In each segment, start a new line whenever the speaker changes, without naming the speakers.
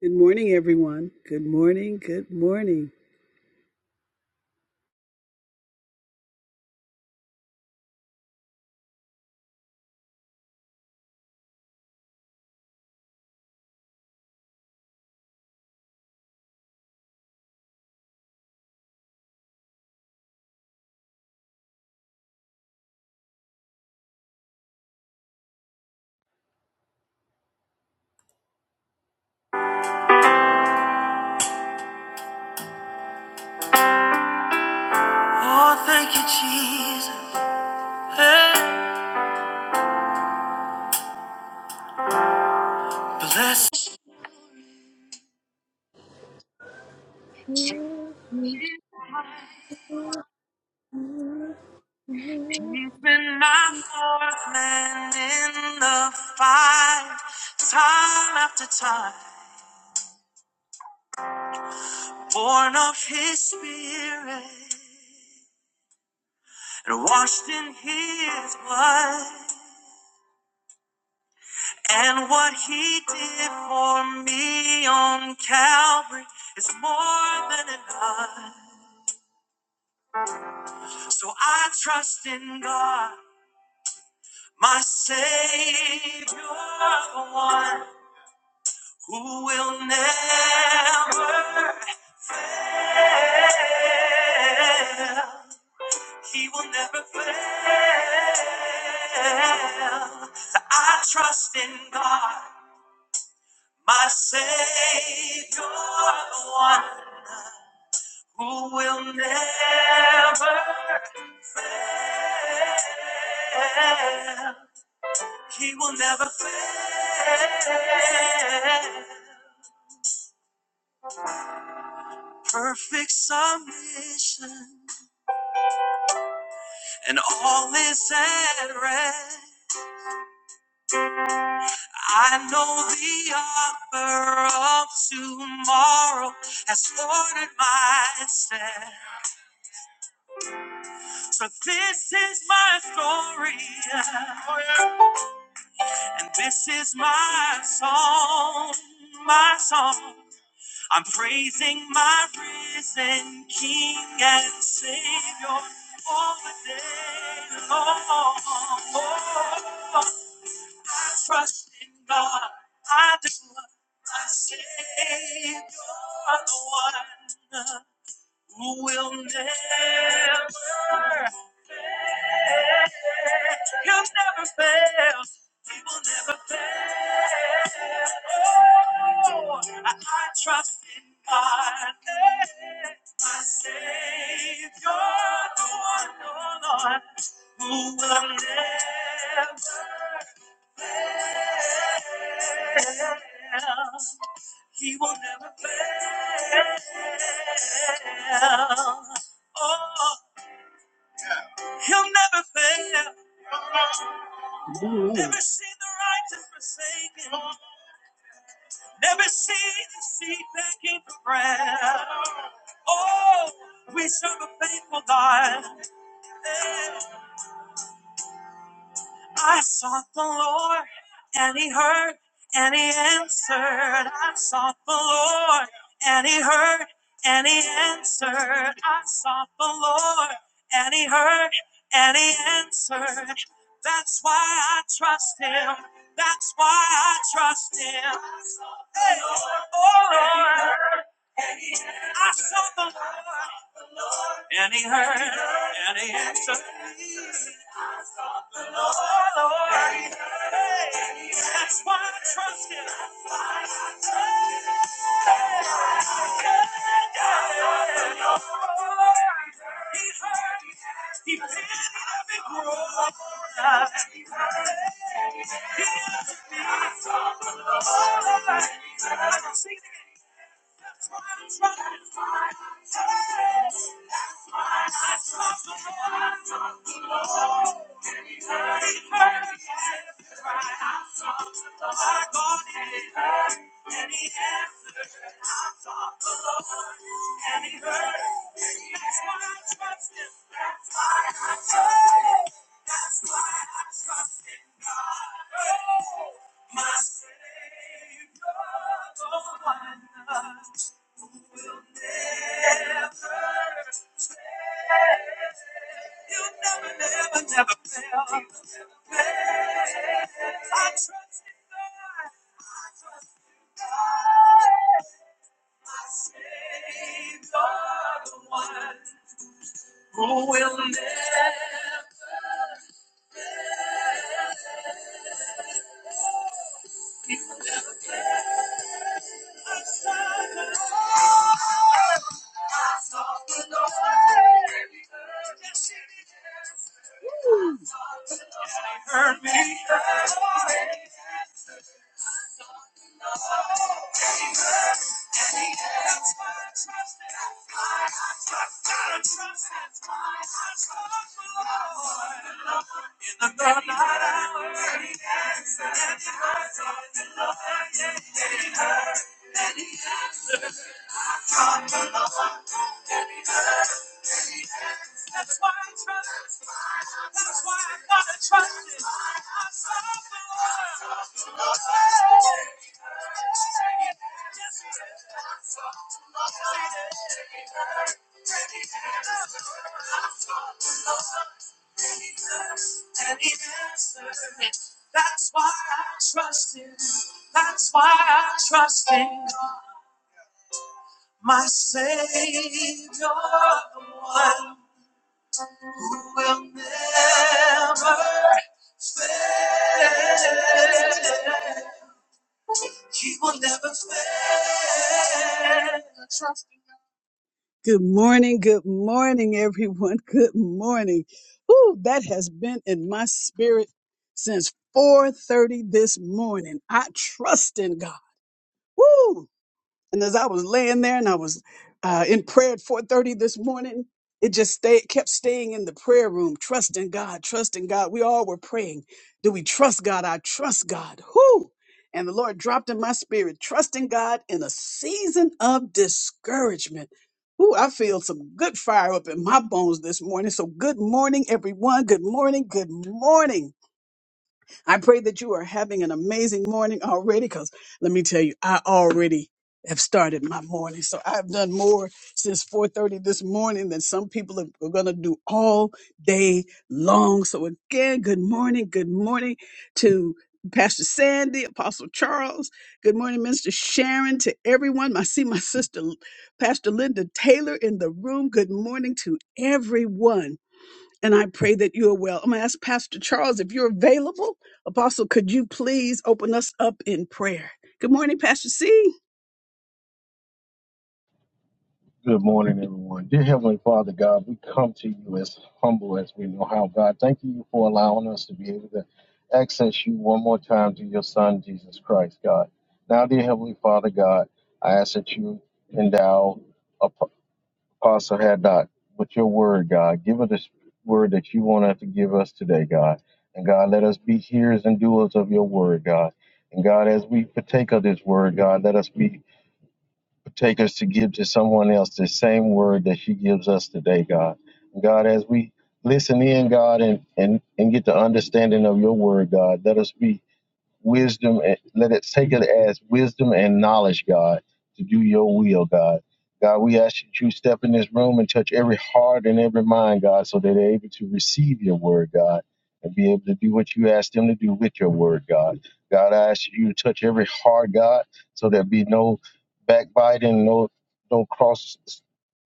Good morning, everyone. Good morning. Good morning. Oh, thank you, Jesus. Hey, bless.
You're
you. He's been my fourth man in the fight, time after time, born of His Spirit and washed in His blood. And what He did for me on Calvary is more than enough. So I trust in God. My Savior, the one who will never fail. He will never fail. I trust in God, my Savior, the one who will never fail. He will never fail. perfect submission, and all is at rest. I know the author of tomorrow has ordered my steps. So this is my story, and this is my song, my song. I'm praising my risen King and Savior all the day long. Oh, oh, oh. I trust in God. I do. My Savior, the one who will never fail. He'll never fail. He will never fail. Oh, I, I trust in God. My Savior, the one, oh Lord, who will never He will never fail. Oh, he'll never fail. Ooh. Never seen the righteous forsaken. Never seen the seed begging for bread. Oh, we serve a faithful God. Yeah. I sought the Lord, and He heard, and He answered. I sought the Lord, and He heard, and He answered. I sought the Lord, and He heard, and He answered. That's why I trust Him. That's why I trust Him. Hey, oh Lord, I sought the Lord, and He heard, and He answered. That's why I trust him. He heard, he planted every groan. He answered me. Sing it again. That's why I trust him. Hey, I trust the Lord. He heard, My God he heard and he answered. I sought the Lord and he heard. That's why I trust him. That's why I trust him. That's why I trust in God. Oh, my Savior, the one. Who will never hurt me? In the night. That's why I trust it. That's why I gotta trust it. I suffer. Yes, it is. Yes, he is. And he answered. That's why I trust him. That's why I trust him. My Savior, the one You will never fail. He will never fail. Trust him. Good morning, good morning, everyone. Good morning. Ooh, that has been in my spirit since 4:30 this morning. I trust in God. Woo! And as I was laying there and I was uh, in prayer at 4:30 this morning, it just stayed, kept staying in the prayer room, trusting God, trusting God. We all were praying, "Do we trust God? I trust God." Whoo! And the Lord dropped in my spirit, trusting God in a season of discouragement. Ooh, I feel some good fire up in my bones this morning. So, good morning, everyone. Good morning. Good morning. I pray that you are having an amazing morning already because let me tell you, I already have started my morning. So I've done more since 4:30 this morning than some people are are gonna do all day long. So again, good morning, good morning to Pastor Sandy, Apostle Charles. Good morning, Minister Sharon, to everyone. I see my sister Pastor Linda Taylor in the room. Good morning to everyone and I pray that you are well. I'm going to ask Pastor Charles if you're available. Apostle, could you please open us up in prayer? Good morning, Pastor C.
Good morning, everyone. Dear Heavenly Father, God, we come to you as humble as we know how. God, thank you for allowing us to be able to access you one more time through your Son, Jesus Christ, God. Now, dear Heavenly Father, God, I ask that you endow Ap- Apostle Haddock with your word, God. Give her this word that you want her to give us today, God. And God, let us be hearers and doers of your word, God. And God, as we partake of this word, God, let us be take us to give to someone else the same word that you gives us today, God. God, as we listen in, God, and, and, and get the understanding of your word, God, let us be wisdom and let it take it as wisdom and knowledge, God, to do your will, God. God, we ask that you step in this room and touch every heart and every mind, God, so that they're able to receive your word, God, and be able to do what you ask them to do with your word, God. God, I ask you to touch every heart, God, so there be no backbiting, no no cross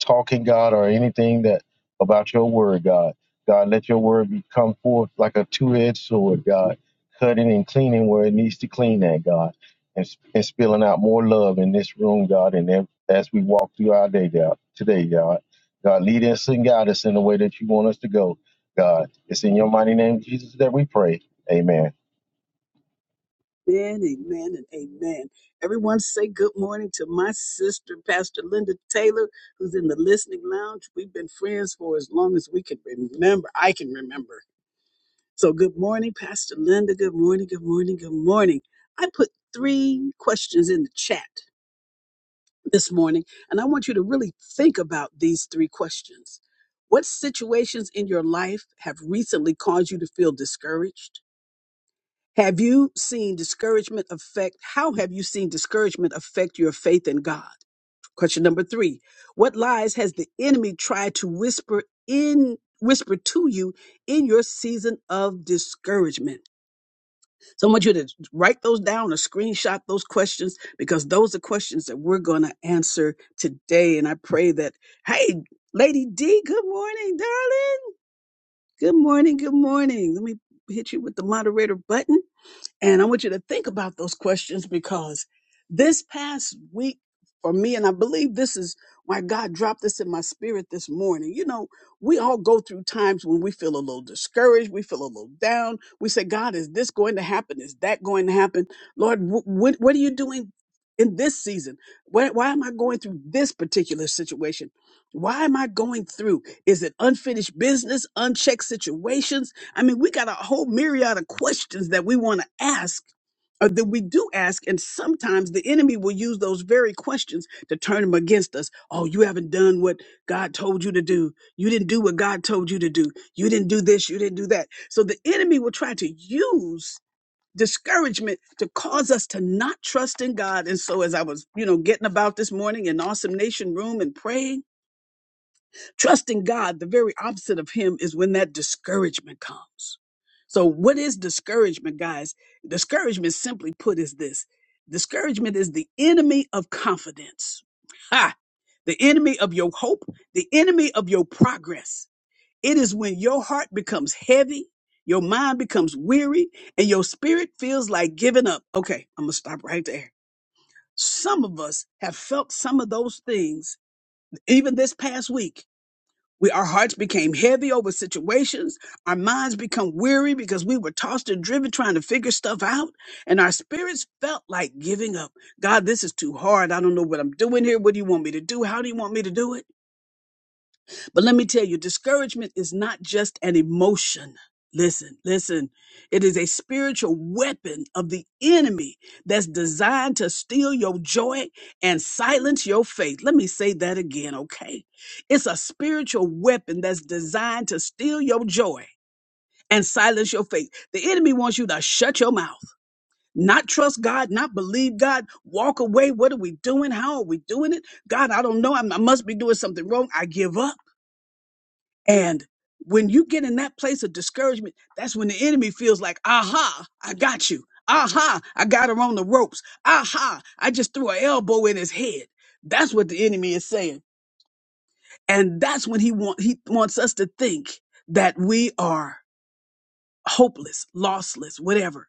talking, God, or anything that about your word, God. God, let your word be come forth like a two-edged sword, God cutting and cleaning where it needs to clean at, God, and, and spilling out more love in this room, God, and ev- as we walk through our day, God, today, God. God, lead us and guide us in the way that you want us to go, God. It's in your mighty name, Jesus, that we pray. Amen.
Amen, amen, and amen. Everyone say good morning to my sister, Pastor Linda Taylor, who's in the listening lounge. We've been friends for as long as we can remember. I can remember. So, good morning, Pastor Linda. Good morning, good morning, good morning. I put three questions in the chat this morning, and I want you to really think about these three questions. What situations in your life have recently caused you to feel discouraged? Have you seen discouragement affect? How have you seen discouragement affect your faith in God? Question number three What lies has the enemy tried to whisper in? Whisper to you in your season of discouragement. So I want you to write those down or screenshot those questions because those are questions that we're going to answer today. And I pray that, hey, Lady D, good morning, darling. Good morning. Good morning. Let me hit you with the moderator button. And I want you to think about those questions because this past week for me, and I believe this is why God dropped this in my spirit this morning. You know, we all go through times when we feel a little discouraged, we feel a little down. We say, God, is this going to happen? Is that going to happen? Lord, wh- what, what are you doing in this season? Why, why am I going through this particular situation? Why am I going through? Is it unfinished business, unchecked situations? I mean, we got a whole myriad of questions that we want to ask or that we do ask. And sometimes the enemy will use those very questions to turn them against us. Oh, you haven't done what God told you to do. You didn't do what God told you to do. You didn't do this. You didn't do that. So the enemy will try to use discouragement to cause us to not trust in God. And so as I was, you know, getting about this morning in Awesome Nation Room and praying, Trusting God, the very opposite of Him is when that discouragement comes. So, what is discouragement, guys? Discouragement, simply put, is this discouragement is the enemy of confidence. Ha! The enemy of your hope, the enemy of your progress. It is when your heart becomes heavy, your mind becomes weary, and your spirit feels like giving up. Okay, I'm going to stop right there. Some of us have felt some of those things even this past week we, our hearts became heavy over situations. Our minds become weary because we were tossed and driven trying to figure stuff out. And our spirits felt like giving up. God, this is too hard. I don't know what I'm doing here. What do you want me to do? How do you want me to do it? But let me tell you, discouragement is not just an emotion. Listen, listen. It is a spiritual weapon of the enemy that's designed to steal your joy and silence your faith. Let me say that again, okay? It's a spiritual weapon that's designed to steal your joy and silence your faith. The enemy wants you to shut your mouth, not trust God, not believe God, walk away. What are we doing? How are we doing it? God, I don't know. I'm- I must be doing something wrong. I give up. And when you get in that place of discouragement, that's when the enemy feels like, aha, I got you. Aha, I got her on the ropes. Aha, I just threw an elbow in his head. That's what the enemy is saying. And that's when he want he wants us to think that we are hopeless, lossless, whatever.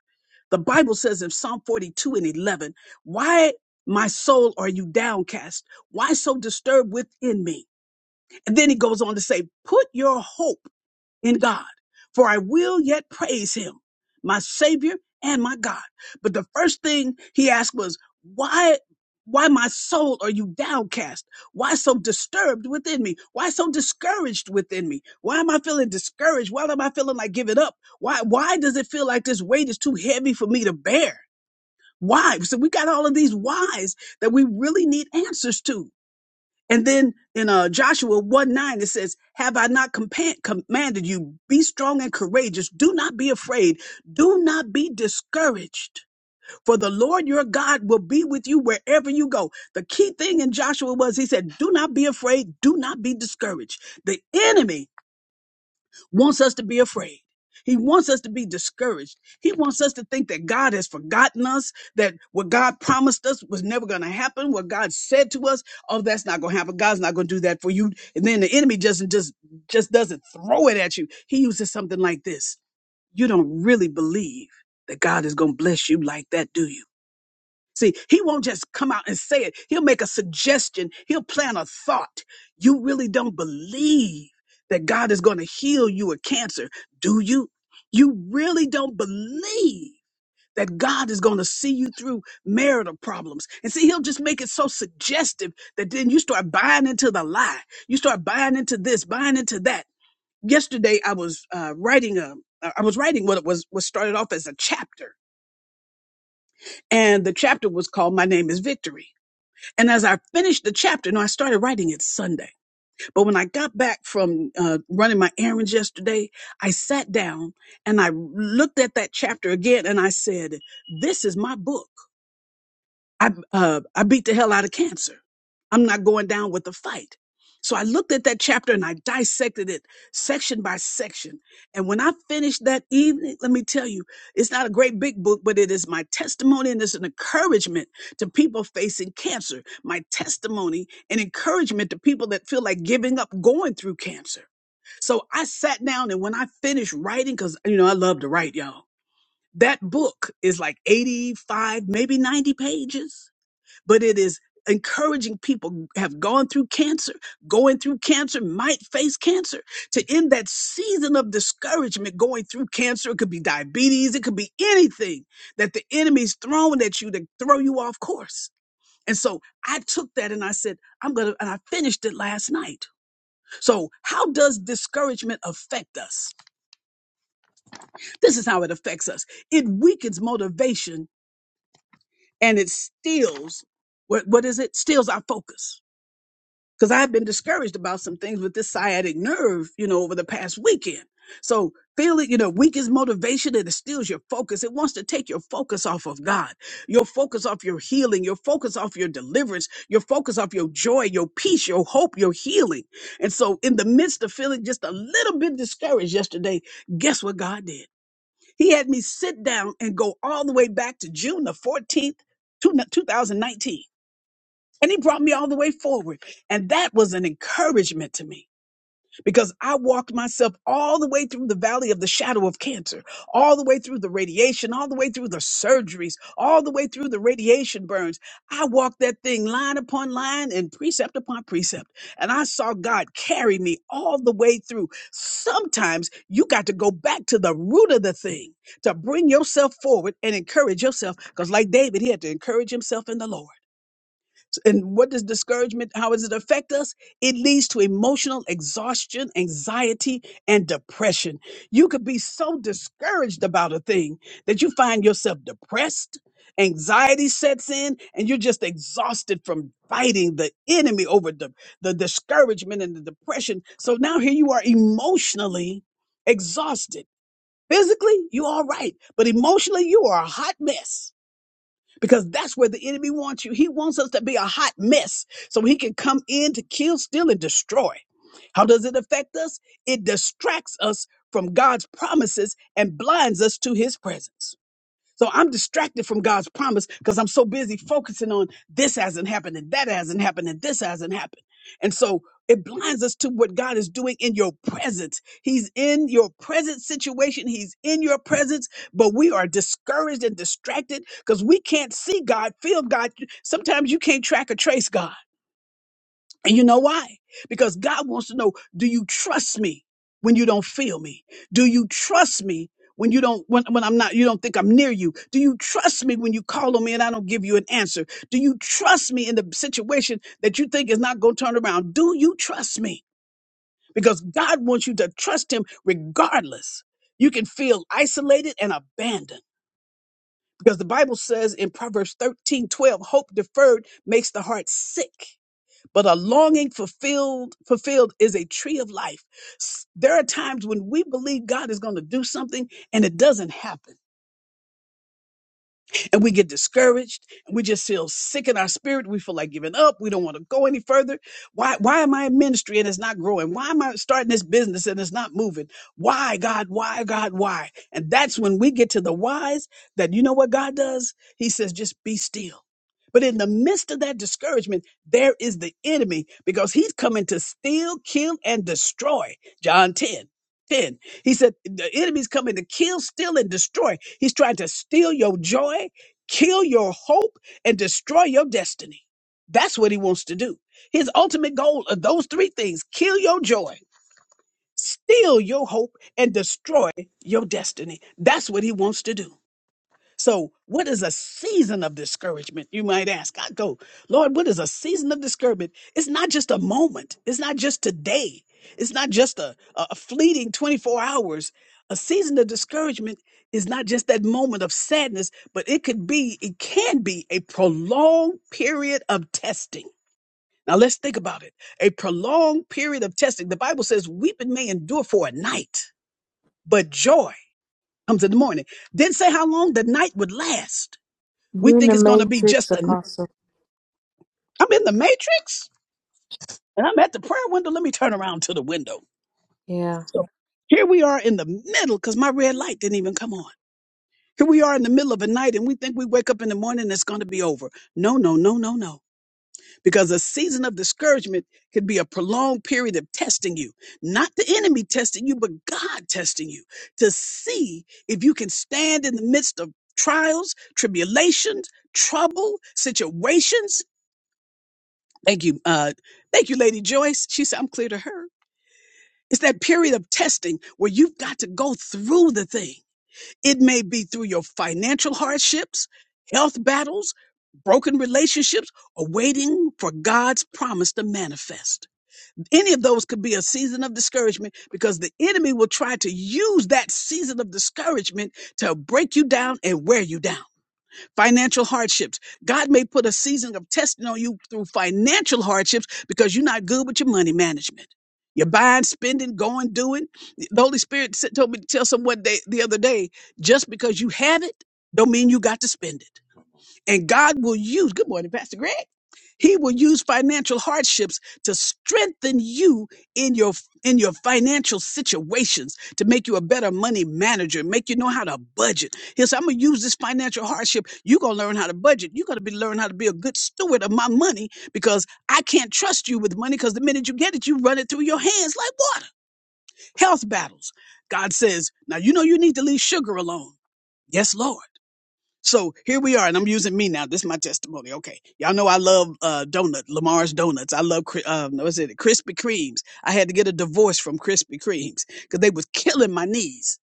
The Bible says in Psalm 42 and 11, why my soul are you downcast? Why so disturbed within me? And then he goes on to say, put your hope in God, for I will yet praise him, my savior and my God. But the first thing he asked was, why, why my soul are you downcast? Why so disturbed within me? Why so discouraged within me? Why am I feeling discouraged? Why am I feeling like giving up? Why, why does it feel like this weight is too heavy for me to bear? Why? So we got all of these whys that we really need answers to. And then in uh, Joshua 1 9, it says, Have I not compa- commanded you, be strong and courageous? Do not be afraid. Do not be discouraged, for the Lord your God will be with you wherever you go. The key thing in Joshua was he said, Do not be afraid. Do not be discouraged. The enemy wants us to be afraid. He wants us to be discouraged. He wants us to think that God has forgotten us, that what God promised us was never going to happen, what God said to us, oh, that's not going to happen. God's not going to do that for you. And then the enemy just just just doesn't throw it at you. He uses something like this. You don't really believe that God is going to bless you like that, do you? See, he won't just come out and say it. He'll make a suggestion. He'll plant a thought. You really don't believe that God is going to heal you of cancer, do you? You really don't believe that God is going to see you through marital problems. And see, he'll just make it so suggestive that then you start buying into the lie. You start buying into this, buying into that. Yesterday, I was uh, writing a, I was writing what was was what started off as a chapter, and the chapter was called "My Name Is Victory." And as I finished the chapter, no, I started writing it Sunday. But when I got back from uh, running my errands yesterday, I sat down and I looked at that chapter again and I said, This is my book. I uh, I beat the hell out of cancer. I'm not going down with the fight. So I looked at that chapter and I dissected it section by section. And when I finished that evening, let me tell you, it's not a great big book, but it is my testimony and it's an encouragement to people facing cancer. My testimony and encouragement to people that feel like giving up going through cancer. So I sat down and when I finished writing, because you know I love to write, y'all. That book is like 85, maybe 90 pages but it is encouraging people who have gone through cancer, going through cancer, might face cancer to end that season of discouragement going through cancer. It could be diabetes, it could be anything that the enemy's throwing at you to throw you off course. And so I took that and I said, I'm going to, and I finished it last night. So, how does discouragement affect us? This is how it affects us it weakens motivation and it steals, what, what is it? Steals our focus because I've been discouraged about some things with this sciatic nerve, you know, over the past weekend. So feeling, you know, weak is motivation and it steals your focus. It wants to take your focus off of God, your focus off your healing, your focus off your deliverance, your focus off your joy, your peace, your hope, your healing. And so in the midst of feeling just a little bit discouraged yesterday, guess what God did? He had me sit down and go all the way back to June the 14th, two- 2019 and he brought me all the way forward. And that was an encouragement to me because I walked myself all the way through the valley of the shadow of cancer, all the way through the radiation, all the way through the surgeries, all the way through the radiation burns. I walked that thing line upon line and precept upon precept. And I saw God carry me all the way through. Sometimes you got to go back to the root of the thing to bring yourself forward and encourage yourself. Because, like David, he had to encourage himself in the Lord. And what does discouragement, how does it affect us? It leads to emotional exhaustion, anxiety, and depression. You could be so discouraged about a thing that you find yourself depressed, anxiety sets in, and you're just exhausted from fighting the enemy over the, the discouragement and the depression. So now here you are emotionally exhausted. Physically, you're all right, but emotionally, you are a hot mess because that's where the enemy wants you. He wants us to be a hot mess so he can come in to kill, steal, and destroy. How does it affect us? It distracts us from God's promises and blinds us to his presence. So I'm distracted from God's promise because I'm so busy focusing on this hasn't happened and that hasn't happened and this hasn't happened. And so it blinds us to what God is doing in your presence. He's in your present situation. He's in your presence, but we are discouraged and distracted because we can't see God, feel God. Sometimes you can't track or trace God. And you know why? Because God wants to know, do you trust me when you don't feel me? Do you trust me when you don't when, when I'm not you don't think I'm near you? Do you trust me when you call on me and I don't give you an answer? Do you trust me in the situation that you think is not going to turn around? Do you trust me? Because God wants you to trust him regardless. You can feel isolated and abandoned. Because the Bible says in Proverbs 13 12, hope deferred makes the heart sick but a longing fulfilled fulfilled is a tree of life S- there are times when we believe god is going to do something and it doesn't happen and we get discouraged and we just feel sick in our spirit. We feel like giving up. We don't want to go any further. Why, why am I in ministry and it's not growing? Why am I starting this business and it's not moving? Why, God, why, God, why? And that's when we get to the whys that you know what God does? He says, just be still. But in the midst of that discouragement, there is the enemy because he's coming to steal, kill, and destroy. John 10, 10. He said, The enemy's coming to kill, steal, and destroy. He's trying to steal your joy kill your hope and destroy your destiny. That's what he wants to do. His ultimate goal are those three things kill your joy, steal your hope, and destroy your destiny. That's what he wants to do. So, what is a season of discouragement? You might ask. I go, Lord, what is a season of discouragement? It's not just a moment, it's not just today, it's not just a, a a fleeting 24 hours. A season of discouragement is not just that moment of sadness, but it could be, it can be a prolonged period of testing. Now, let's think about it a prolonged period of testing. The Bible says, weeping may endure for a night, but joy comes in the morning. Didn't say how long the night would last we
in
think
the
it's going to be
matrix,
just a, I'm
Apostle.
in the matrix and I'm at the prayer window. Let me turn around to the window.
Yeah.
So here we are in the middle because my red light didn't even come on. Here we are in the middle of a night and we think we wake up in the morning and it's going to be over. No, no, no, no, no. Because a season of discouragement could be a prolonged period of testing you, not the enemy testing you, but God testing you to see if you can stand in the midst of trials, tribulations, trouble, situations Thank you. Uh, thank you, Lady Joyce. She said, I'm clear to her. It's that period of testing where you've got to go through the thing. It may be through your financial hardships, health battles, broken relationships, or waiting for God's promise to manifest. Any of those could be a season of discouragement because the enemy will try to use that season of discouragement to break you down and wear you down financial hardships. God may put a season of testing on you through financial hardships because you're not good with your money management. You're buying, spending, going, doing. The Holy Spirit said- told me to tell someone day, the other day, just because you have it, don't mean you got to spend it. And God will use. Good morning, Pastor Greg. He will use financial hardships to strengthen you in your in your financial situations to make you a better money manager, make you know how to budget. He'll say, I'm gonna use this financial hardship. You're gonna learn how to budget. You're gonna be learn how to be a good steward of my money because I can't trust you with money because the minute you get it, you run it through your hands like water. Health battles. God says, now you know you need to leave sugar alone. Yes, Lord. So here we are, and I'm using me now. This is my testimony. Okay, y'all know I love uh, donut, Lamar's donuts. I love cri- um, what is it, Krispy Kremes. I had to get a divorce from Krispy Kremes because they was killing my knees.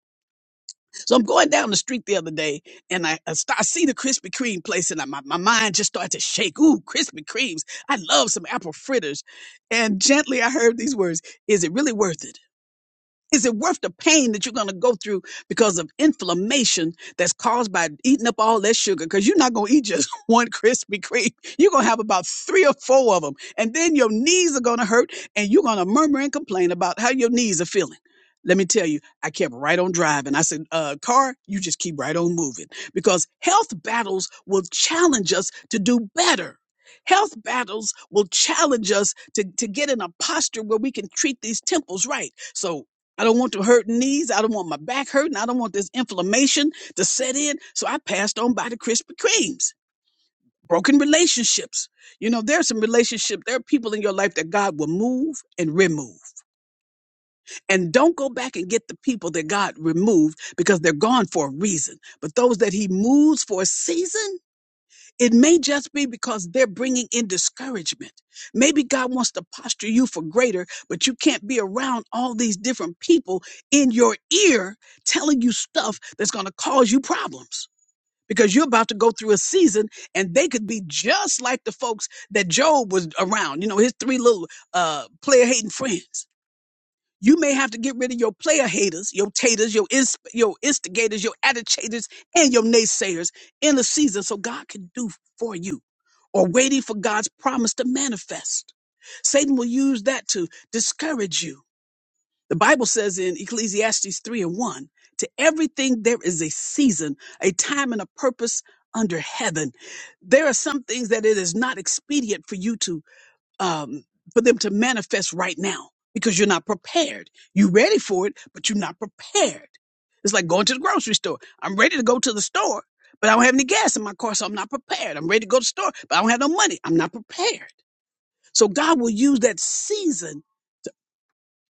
So I'm going down the street the other day, and I, I, st- I see the Krispy Kreme place, and I, my my mind just started to shake. Ooh, Krispy Kremes! I love some apple fritters. And gently, I heard these words: "Is it really worth it?" Is it worth the pain that you're going to go through because of inflammation that's caused by eating up all that sugar? Because you're not going to eat just one Krispy Kreme. You're going to have about three or four of them. And then your knees are going to hurt and you're going to murmur and complain about how your knees are feeling. Let me tell you, I kept right on driving. I said, uh, car, you just keep right on moving because health battles will challenge us to do better. Health battles will challenge us to, to get in a posture where we can treat these temples right. So I don't want the hurting knees. I don't want my back hurting. I don't want this inflammation to set in. So I passed on by the Krispy Kremes. Broken relationships. You know, there's some relationship. There are people in your life that God will move and remove. And don't go back and get the people that God removed because they're gone for a reason. But those that He moves for a season, it may just be because they're bringing in discouragement. Maybe God wants to posture you for greater, but you can't be around all these different people in your ear telling you stuff that's going to cause you problems because you're about to go through a season and they could be just like the folks that Job was around, you know, his three little uh, player hating friends. You may have to get rid of your player haters, your taters, your ins- your instigators, your agitators, and your naysayers in the season so God can do for you or waiting for God's promise to manifest. Satan will use that to discourage you. The Bible says in Ecclesiastes 3 and 1 to everything there is a season, a time, and a purpose under heaven. There are some things that it is not expedient for you to um, for them to manifest right now because you're not prepared. You're ready for it, but you're not prepared. It's like going to the grocery store. I'm ready to go to the store, but I don't have any gas in my car, so I'm not prepared. I'm ready to go to the store, but I don't have no money. I'm not prepared. So God will use that season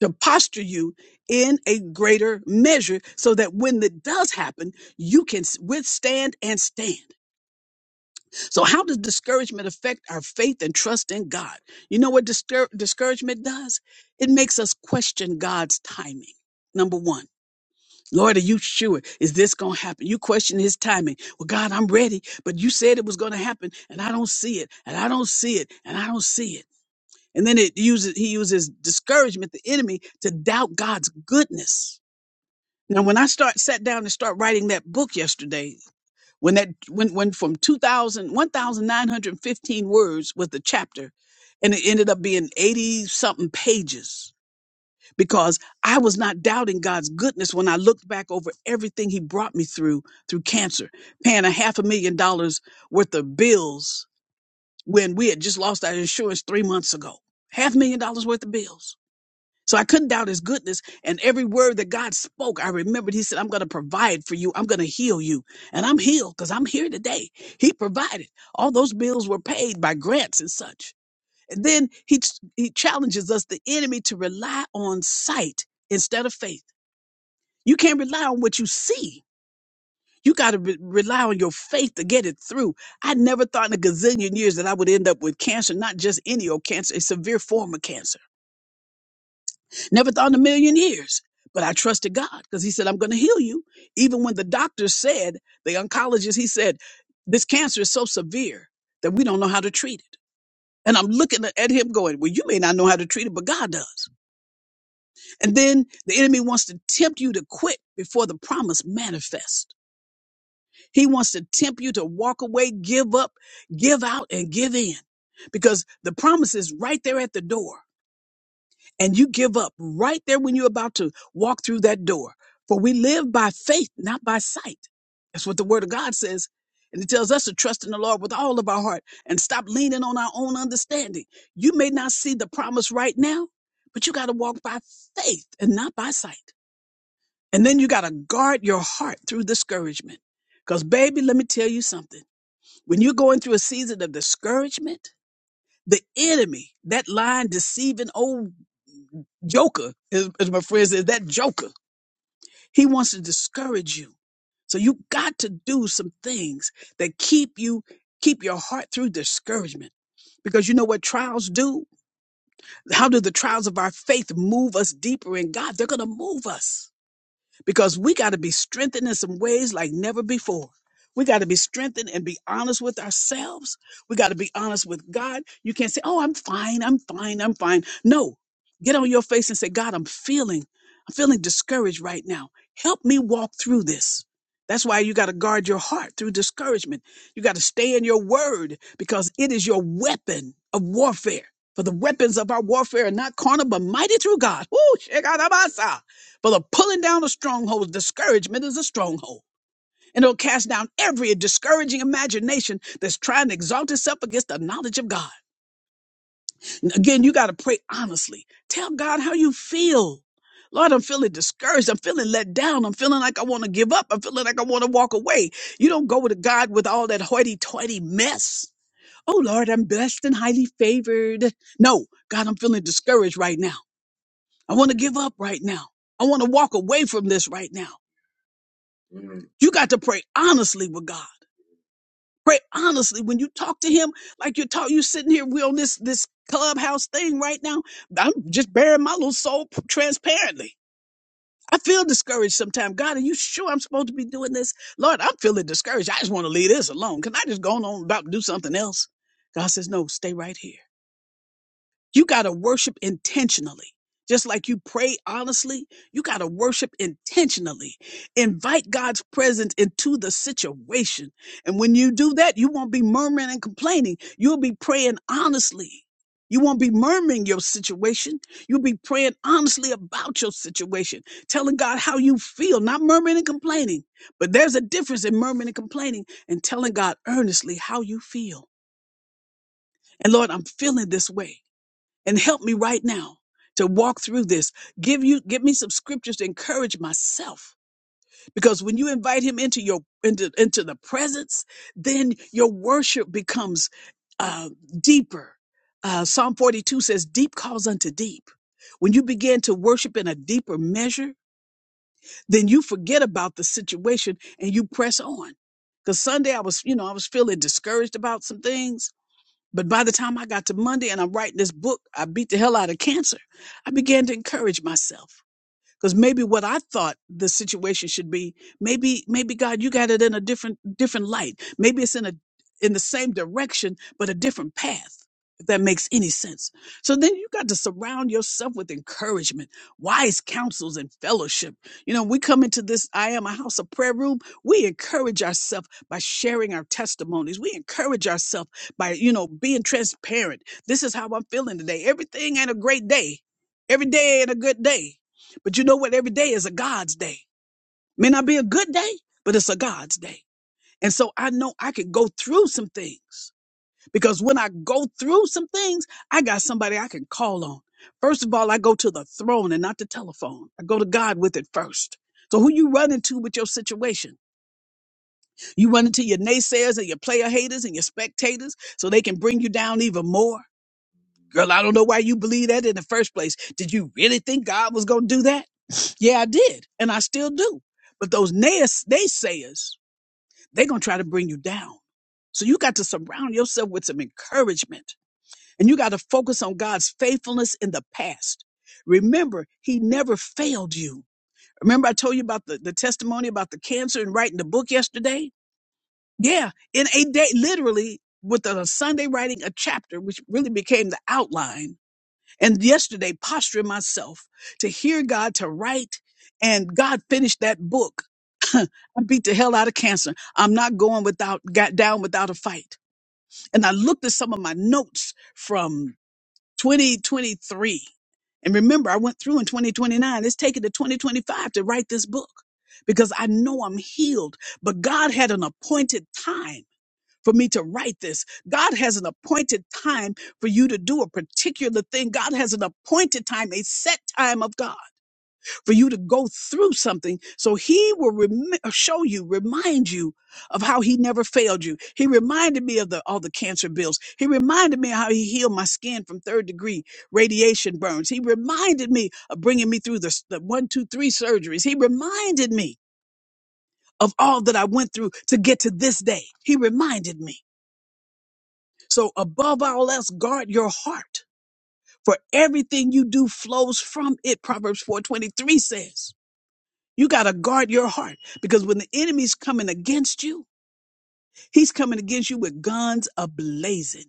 to posture you in a greater measure so that when it does happen, you can s- withstand and stand. So, how does discouragement affect our faith and trust in God? You know what discour- discouragement does? It makes us question God's timing. Number one. Lord, are you sure? Is this going to happen? You question his timing. Well, God, I'm ready, but you said it was going to happen and I don't see it and I don't see it and I don't see it. And then it uses, he uses discouragement, the enemy to doubt God's goodness. Now, when I start sat down and start writing that book yesterday, when that went, went from 2000 1915 words was the chapter and it ended up being 80 something pages because i was not doubting god's goodness when i looked back over everything he brought me through through cancer paying a half a million dollars worth of bills when we had just lost our insurance three months ago half a million dollars worth of bills so I couldn't doubt his goodness. And every word that God spoke, I remembered he said, I'm going to provide for you. I'm going to heal you. And I'm healed because I'm here today. He provided. All those bills were paid by grants and such. And then he, ch- he challenges us, the enemy, to rely on sight instead of faith. You can't rely on what you see. You got to re- rely on your faith to get it through. I never thought in a gazillion years that I would end up with cancer, not just any old cancer, a severe form of cancer. Never thought in a million years. But I trusted God because He said, I'm going to heal you. Even when the doctor said, the oncologist, he said, this cancer is so severe that we don't know how to treat it. And I'm looking at him going, Well, you may not know how to treat it, but God does. And then the enemy wants to tempt you to quit before the promise manifests. He wants to tempt you to walk away, give up, give out, and give in because the promise is right there at the door. and you give up right there when you're about to walk through that door. For we live by faith, not by sight. That's what the word of God says. And it tells us to trust in the Lord with all of our heart and stop leaning on our own understanding. You may not see the promise right now, but you got to walk by faith and not by sight. And then you got to guard your heart through discouragement. Because, baby, let me tell you something. When you're going through a season of discouragement, the enemy, that lying, deceiving old Joker, as, as my friend says, that Joker. He wants to discourage you. So you got to do some things that keep you, keep your heart through discouragement. Because you know what trials do? How do the trials of our faith move us deeper in God? They're going to move us because we got to be strengthened in some ways like never before. We got to be strengthened and be honest with ourselves. We got to be honest with God. You can't say, "Oh, I'm fine. I'm fine. I'm fine." No. Get on your face and say, "God, I'm feeling I'm feeling discouraged right now. Help me walk through this." That's why you got to guard your heart through discouragement. You got to stay in your word because it is your weapon of warfare. For the weapons of our warfare are not carnal, but mighty through God. Woo! For the pulling down of strongholds, discouragement is a stronghold. And it'll cast down every discouraging imagination that's trying to exalt itself against the knowledge of God. And again, you got to pray honestly. Tell God how you feel. Lord, I'm feeling discouraged. I'm feeling let down. I'm feeling like I want to give up. I'm feeling like I want to walk away. You don't go to God with all that hoity-toity mess. Oh, Lord, I'm blessed and highly favored. No, God, I'm feeling discouraged right now. I want to give up right now. I want to walk away from this right now. Mm. You got to pray honestly with God. Pray honestly when you talk to Him, like you're talking. You sitting here, we on this this clubhouse thing right now. I'm just bearing my little soul p- transparently. I feel discouraged sometimes. God, are you sure I'm supposed to be doing this? Lord, I'm feeling discouraged. I just want to leave this alone. Can I just go on about and do something else? God says, no, stay right here. You got to worship intentionally. Just like you pray honestly, you got to worship intentionally. Invite God's presence into the situation. And when you do that, you won't be murmuring and complaining. You'll be praying honestly. You won't be murmuring your situation. You'll be praying honestly about your situation, telling God how you feel, not murmuring and complaining. But there's a difference in murmuring and complaining and telling God earnestly how you feel. And Lord, I'm feeling this way and help me right now to walk through this. Give you give me some scriptures to encourage myself. Because when you invite him into your into into the presence, then your worship becomes uh, deeper. Uh, Psalm 42 says, "Deep calls unto deep." When you begin to worship in a deeper measure, then you forget about the situation and you press on. Because Sunday I was, you know, I was feeling discouraged about some things, but by the time I got to Monday and I'm writing this book, I beat the hell out of cancer. I began to encourage myself because maybe what i thought the situation should be maybe maybe god you got it in a different different light maybe it's in a in the same direction but a different path if that makes any sense so then you got to surround yourself with encouragement wise counsels and fellowship you know we come into this i am a house of prayer room we encourage ourselves by sharing our testimonies we encourage ourselves by you know being transparent this is how i'm feeling today everything ain't a great day every day ain't a good day but you know what? Every day is a God's day. May not be a good day, but it's a God's day. And so I know I can go through some things because when I go through some things, I got somebody I can call on. First of all, I go to the throne and not the telephone. I go to God with it first. So who you running to with your situation? You running to your naysayers and your player haters and your spectators so they can bring you down even more? Girl, I don't know why you believe that in the first place. Did you really think God was going to do that? Yeah, I did. And I still do. But those nays- naysayers, they're going to try to bring you down. So you got to surround yourself with some encouragement and you got to focus on God's faithfulness in the past. Remember, he never failed you. Remember I told you about the, the testimony about the cancer and writing the book yesterday? Yeah, in a day, literally with a Sunday writing a chapter, which really became the outline and yesterday posturing myself to hear God to write and God finished that book. I beat the hell out of cancer. I'm not going without got down without a fight. And I looked at some of my notes from 2023. And remember, I went through in 2029. It's taken to 2025 to write this book because I know I'm healed, but God had an appointed time for me to write this. God has an appointed time for you to do a particular thing. God has an appointed time, a set time of God for you to go through something. So he will rem- show you, remind you of how he never failed you. He reminded me of the, all the cancer bills. He reminded me how he healed my skin from third degree radiation burns. He reminded me of bringing me through the, the one, two, three surgeries. He reminded me of all that I went through to get to this day. He reminded me. So above all else, guard your heart. For everything you do flows from it. Proverbs 4:23 says. You got to guard your heart because when the enemy's coming against you, he's coming against you with guns ablazing.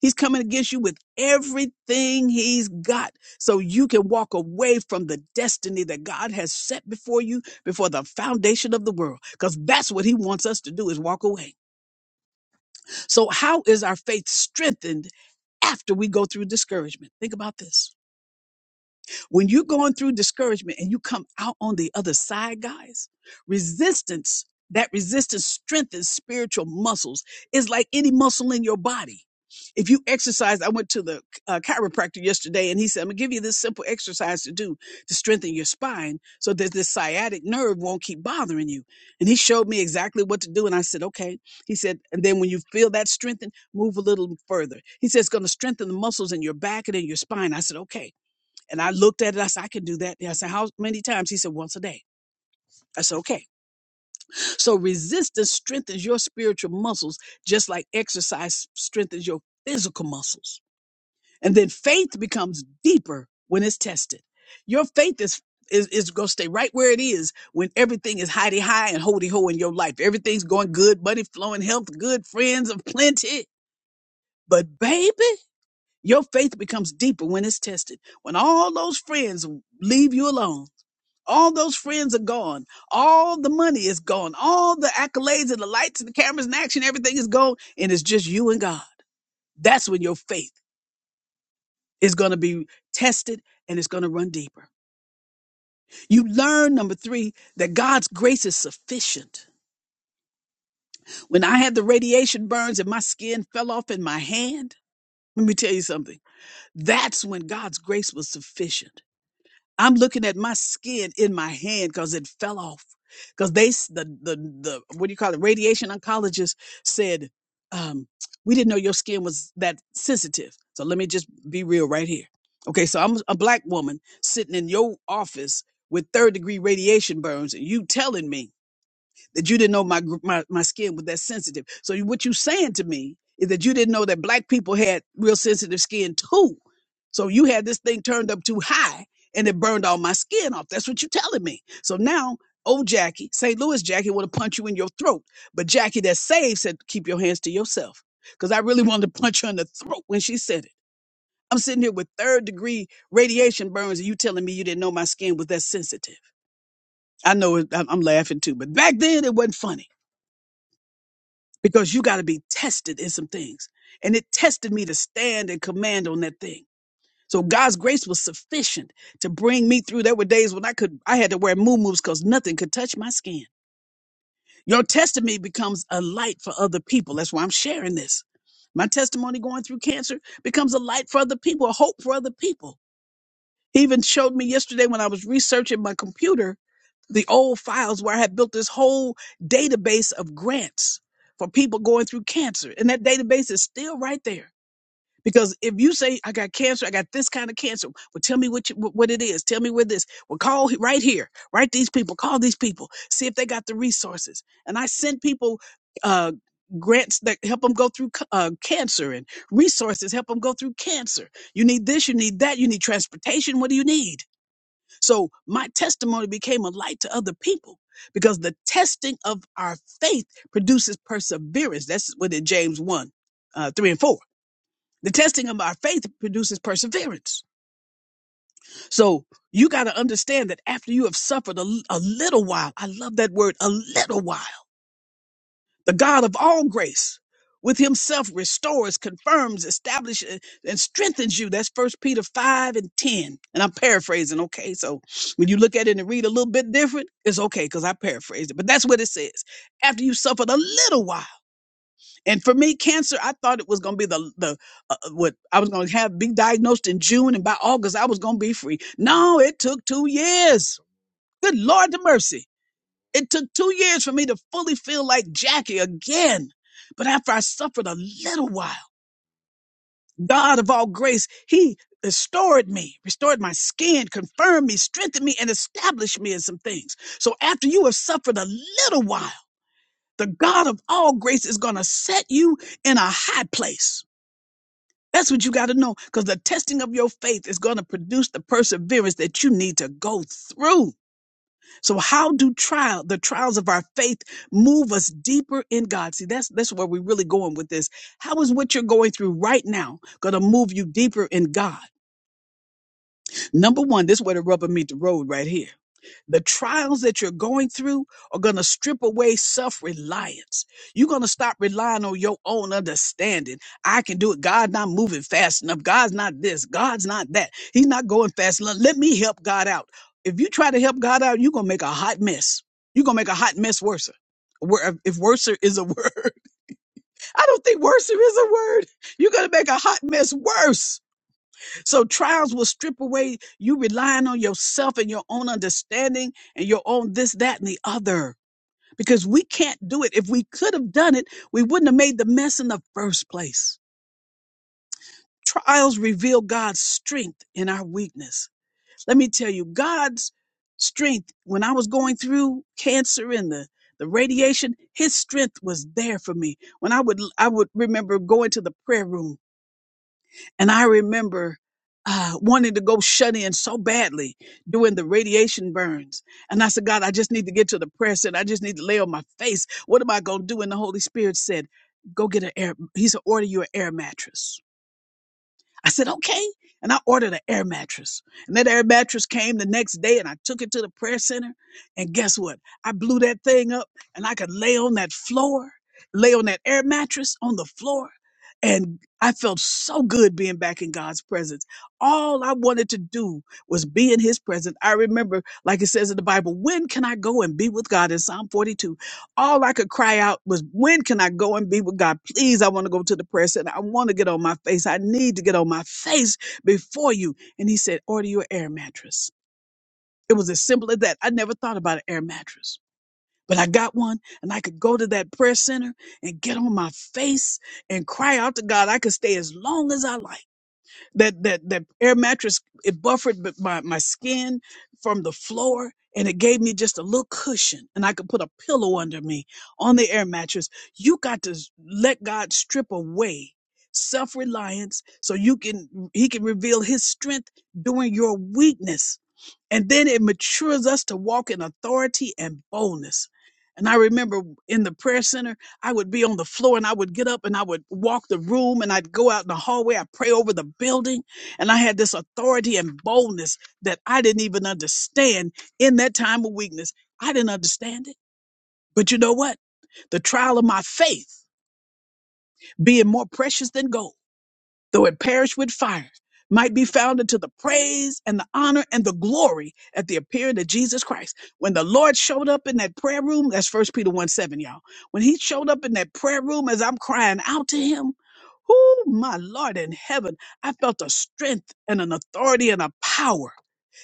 He's coming against you with everything he's got so you can walk away from the destiny that God has set before you before the foundation of the world because that's what he wants us to do is walk away. So how is our faith strengthened after we go through discouragement. Think about this. When you're going through discouragement and you come out on the other side, guys, resistance, that resistance strengthens spiritual muscles. It's like any muscle in your body. If you exercise, I went to the uh, chiropractor yesterday and he said, I'm going to give you this simple exercise to do to strengthen your spine so that this sciatic nerve won't keep bothering you. And he showed me exactly what to do. And I said, okay. He said, and then when you feel that strengthen, move a little further. He said, it's going to strengthen the muscles in your back and in your spine. I said, okay. And I looked at it. I said, I can do that. And I said, How many times? He said, Once a day. I said, Okay. So resistance strengthens your spiritual muscles, just like exercise strengthens your physical muscles. And then faith becomes deeper when it's tested. Your faith is is, is going to stay right where it is when everything is hidey high and hoity ho in your life. Everything's going good, money flowing, health good, friends of plenty. But baby, your faith becomes deeper when it's tested. When all those friends leave you alone All those friends are gone. All the money is gone. All the accolades and the lights and the cameras and action, everything is gone. And it's just you and God. That's when your faith is going to be tested and it's going to run deeper. You learn, number three, that God's grace is sufficient. When I had the radiation burns and my skin fell off in my hand, let me tell you something. That's when God's grace was sufficient. I'm looking at my skin in my hand because it fell off. Because they, s- the, the, the, what do you call it? Radiation oncologist said, um, we didn't know your skin was that sensitive. So let me just be real right here. Okay. So I'm a black woman sitting in your office with third degree radiation burns and you telling me that you didn't know my gr- my, my skin was that sensitive. So you- what you saying to me is that you didn't know that black people had real sensitive skin too. So you had this thing turned up too high and it burned all my skin off. That's what you're telling me. So now old Jackie, St. Louis Jackie want to punch you in your throat. But Jackie that saved said, keep your hands to yourself. Because I really wanted to punch her in the throat when she said it. I'm sitting here with third degree radiation burns, and you telling me you didn't know my skin was that sensitive. I know it, I'm I'm laughing too, but back then it wasn't funny because you got to be tested in some things. And it tested me to stand and command on that thing. So God's grace was sufficient to bring me through. There were days when I could, I had to wear moo-moos because nothing could touch my skin. Your testimony becomes a light for other people. That's why I'm sharing this. My testimony going through cancer becomes a light for other people, a hope for other people. He even showed me yesterday when I was researching my computer the old files where I had built this whole database of grants for people going through cancer. And that database is still right there. Because if you say, I got cancer, I got this kind of cancer, well, tell me what, you, wh- what it is. Tell me where this. Well, call he- right here. Write these people. Call these people. See if they got the resources. And I sent people uh, grants that help them go through c- uh, cancer and resources help them go through cancer. You need this, you need that, you need transportation. What do you need? So my testimony became a light to other people because the testing of our faith produces perseverance. That's what in James 1, uh, 3 and 4. The testing of our faith produces perseverance. So you got to understand that after you have suffered a a little while, I love that word, a little while. the God of all grace, with himself restores, confirms, establishes, and strengthens you. That's First Peter 5 and 10. And I'm paraphrasing, okay? So when you look at it and read a little bit different, it's okay because I paraphrased it. But that's what it says. After you suffered a little while. And for me, cancer, I thought it was going to be the, the uh, uh, what I was going to have, be diagnosed in June, and by August, I was going to be free. No, it took two years. Good Lord, the mercy. It took two years for me to fully feel like Jackie again. But after I suffered a little while, God of all grace, He restored me, restored my skin, confirmed me, strengthened me, and established me in some things. So after you have suffered a little while, the God of all grace is going to set you in a high place. That's what you got to know because the testing of your faith is going to produce the perseverance that you need to go through. So how do trial the trials of our faith move us deeper in God? See, that's that's where we're really going with this. How is what you're going through right now going to move you deeper in God? Number one, this is where the rubber meets the road right here the trials that you're going through are going to strip away self reliance. You're going to stop relying on your own understanding. I can do it. God's not moving fast enough. God's not this. God's not that. He's not going fast enough. Let me help God out. If you try to help God out, you're going to make a hot mess. You're going to make a hot mess worse. Where if worser is a word, I don't think worser is a word. You're going to make a hot mess worse so trials will strip away you relying on yourself and your own understanding and your own this, that, and the other. Because we can't do it. If we could have done it, we wouldn't have made the mess in the first place. Trials reveal God's strength in our weakness. Let me tell you, God's strength, when I was going through cancer and the, the radiation, his strength was there for me. When I would I would remember going to the prayer room And I remember uh, wanting to go shut in so badly doing the radiation burns. And I said, God, I just need to get to the prayer center. I just need to lay on my face. What am I going to do? And the Holy Spirit said, Go get an air. He said, Order you an air mattress. I said, okay. And I ordered an air mattress. And that air mattress came the next day and I took it to the prayer center. And guess what? I blew that thing up and I could lay on that floor, lay on that air mattress on the floor. And I felt so good being back in God's presence. All I wanted to do was be in his presence. I remember, like it says in the Bible, when can I go and be with God in Psalm 42? all I could cry out was, when can I go and be with God? Please, I want to go to the prayer center. I want to get on my face. I need to get on my face before you. And he said, order your air mattress. It was as simple as that. I never thought about an air mattress, but I got one and I could go to that prayer center and get on my face and cry out to God. I could stay as long as I like. That that that air mattress it buffered b- my my skin from the floor, and it gave me just a little cushion, and I could put a pillow under me on the air mattress. You got to s- let God strip away self reliance so you can He can reveal His strength during your weakness and then it matures us to walk in authority and boldness. And I remember in the prayer center, I would be on the floor and I would get up and I would walk the room and I'd go out in the hallway. i pray over the building. And I had this authority and boldness that I didn't even understand in that time of weakness. I didn't understand it. But you know what? The trial of my faith being more precious than gold though it perish with fire, might be found unto the praise and the honor and the glory at the appearing of Jesus Christ. When the Lord showed up in that prayer room, that's first Peter 1 7, y'all. When he showed up in that prayer room as I'm crying out to him, oh my Lord in heaven, I felt a strength and an authority and a power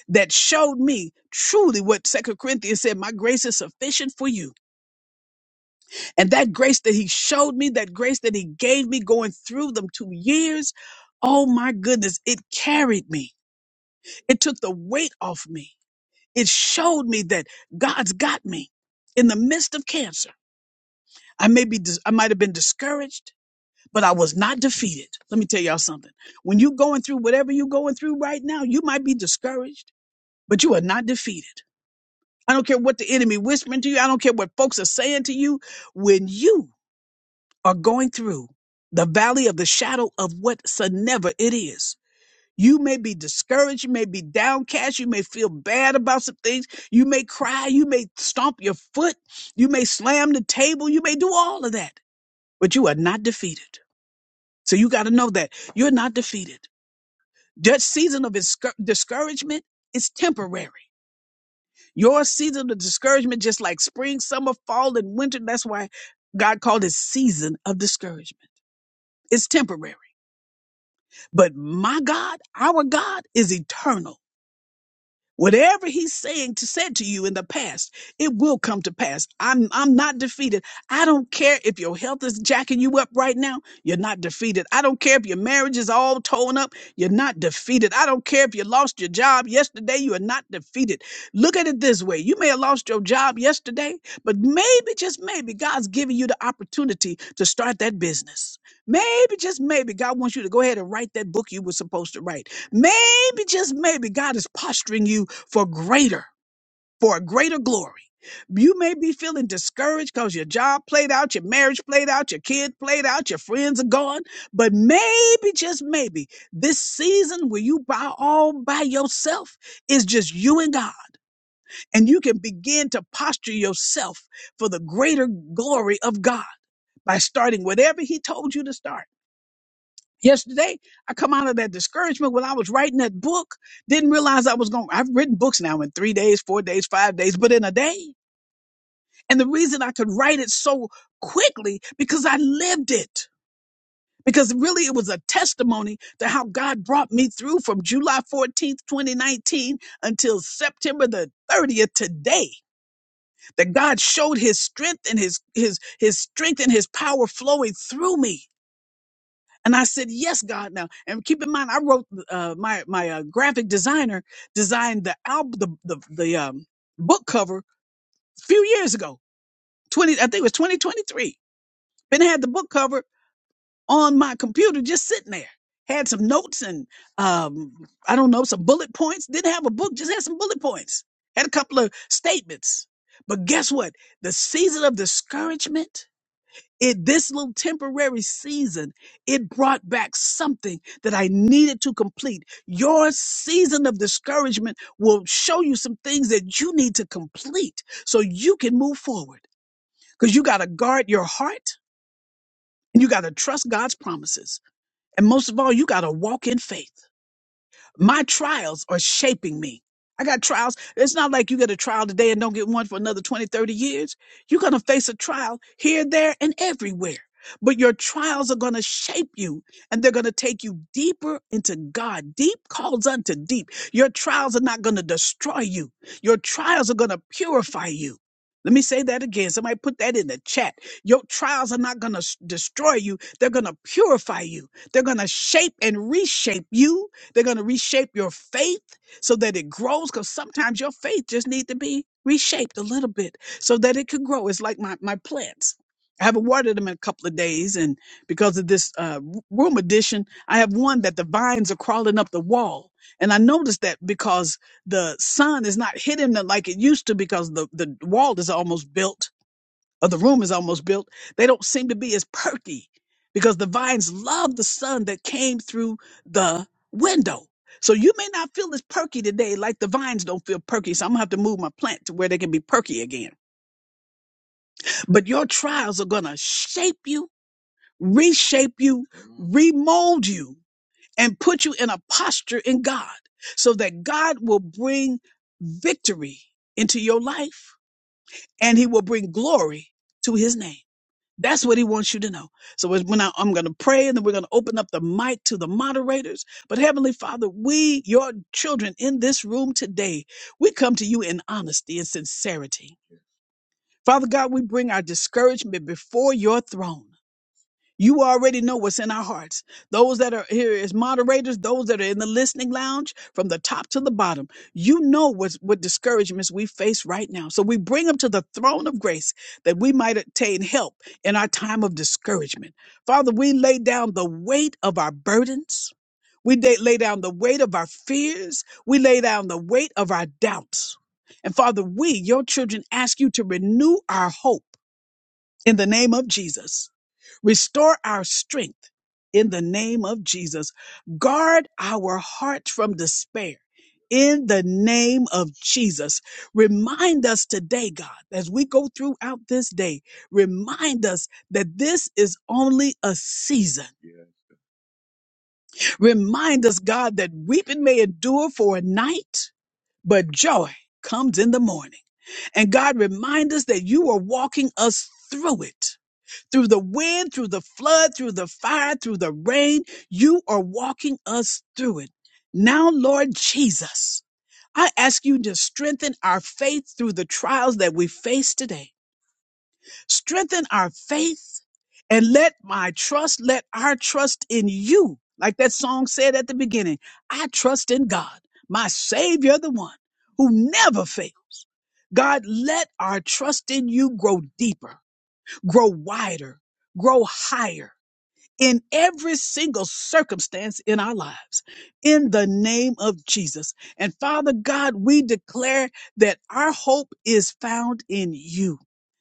that showed me truly what Second Corinthians said, my grace is sufficient for you and that grace that he showed me, that grace that he gave me going through them two years, oh my goodness, it carried me. It took the weight off me. It showed me that God's got me in the midst of cancer. I may be, dis- I might have been discouraged, but I was not defeated. Let me tell y'all something. When you're going through whatever you're going through right now, you might be discouraged, but you are not defeated. I don't care what the enemy whispering to you. I don't care what folks are saying to you. When you are going through the valley of the shadow of whatsoever it is. You may be discouraged. You may be downcast. You may feel bad about some things. You may cry. You may stomp your foot. You may slam the table. You may do all of that, but you are not defeated. So you got to know that you're not defeated. That season of discour- discouragement is temporary. Your season of discouragement, just like spring, summer, fall, and winter, that's why God called it season of discouragement. It's temporary. But my God, our God is eternal. Whatever he's saying to said to you in the past, it will come to pass. I'm I'm not defeated. I don't care if your health is jacking you up right now, you're not defeated. I don't care if your marriage is all torn up, you're not defeated. I don't care if you lost your job yesterday, you are not defeated. Look at it this way. You may have lost your job yesterday, but maybe just maybe God's giving you the opportunity to start that business. Maybe just maybe God wants you to go ahead and write that book you were supposed to write. Maybe just maybe God is posturing you for greater, for a greater glory. You may be feeling discouraged because your job played out, your marriage played out, your kid played out, your friends are gone. But maybe, just maybe, this season where you by all by yourself is just you and God. And you can begin to posture yourself for the greater glory of God by starting whatever He told you to start. Yesterday, I come out of that discouragement when I was writing that book. Didn't realize I was going. I've written books now in three days, four days, five days, but in a day. And the reason I could write it so quickly because I lived it. Because really, it was a testimony to how God brought me through from July 14th, 2019 until September the 30th today. That God showed his strength and his, his, his strength and his power flowing through me. And I said, "Yes, God." Now, and keep in mind, I wrote uh, my my uh, graphic designer designed the album, the the, the um, book cover a few years ago. Twenty, I think it was twenty twenty three. Then I had the book cover on my computer, just sitting there. Had some notes and um, I don't know some bullet points. Didn't have a book, just had some bullet points. Had a couple of statements. But guess what? The season of discouragement it this little temporary season it brought back something that i needed to complete your season of discouragement will show you some things that you need to complete so you can move forward because you got to guard your heart and you got to trust god's promises and most of all you got to walk in faith my trials are shaping me. I got trials. It's not like you get a trial today and don't get one for another 20, 30 years. You're going to face a trial here, there, and everywhere. But your trials are going to shape you and they're going to take you deeper into God. Deep calls unto deep. Your trials are not going to destroy you. Your trials are going to purify you. Let me say that again. Somebody put that in the chat. Your trials are not going to destroy you. They're going to purify you. They're going to shape and reshape you they're going to reshape your faith so that it grows because sometimes your faith just need to be reshaped a little bit so that it could grow. It's like my, my plants. I haven't watered them in a couple of days. And because of this uh, r- room addition, I have one that the vines are crawling up the wall. And I noticed that because the sun is not hitting them like it used to because the, the wall is almost built or the room is almost built, they don't seem to be as perky because the vines love the sun that came through the window. So you may not feel as perky today, like the vines don't feel perky. So I'm gonna have to move my plant to where they can be perky again. But your trials are gonna shape you, reshape you, remold you, and put you in a posture in God so that God will bring victory into your life and he will bring glory to his name. That's what he wants you to know. So it's when I, I'm going to pray and then we're going to open up the mic to the moderators. But Heavenly Father, we, your children in this room today, we come to you in honesty and sincerity. Father God, we bring our discouragement before your throne. You already know what's in our hearts. Those that are here as moderators, those that are in the listening lounge, from the top to the bottom, you know what's, what discouragements we face right now. So we bring them to the throne of grace that we might obtain help in our time of discouragement. Father, we lay down the weight of our burdens. We da- lay down the weight of our fears. We lay down the weight of our doubts. And Father, we, your children, ask you to renew our hope in the name of Jesus. Restore our strength in the name of Jesus. Guard our hearts from despair in the name of Jesus. Remind us today, God, as we go throughout this day, remind us that this is only a season. Remind us, God, that weeping may endure for a night, but joy comes in the morning. And God, remind us that you are walking us through it through the wind, through the flood, through the fire, through the rain. You are walking us through it. Now, Lord Jesus, I ask you to strengthen our faith through the trials that we face today. Strengthen our faith and let my trust, let our trust in you, like that song said at the beginning, I trust in God, my Savior, the one who never fails. God, let our trust in you grow deeper, grow wider, grow higher in every single circumstance in our lives in the name of Jesus. And Father God, we declare that our hope is found in you,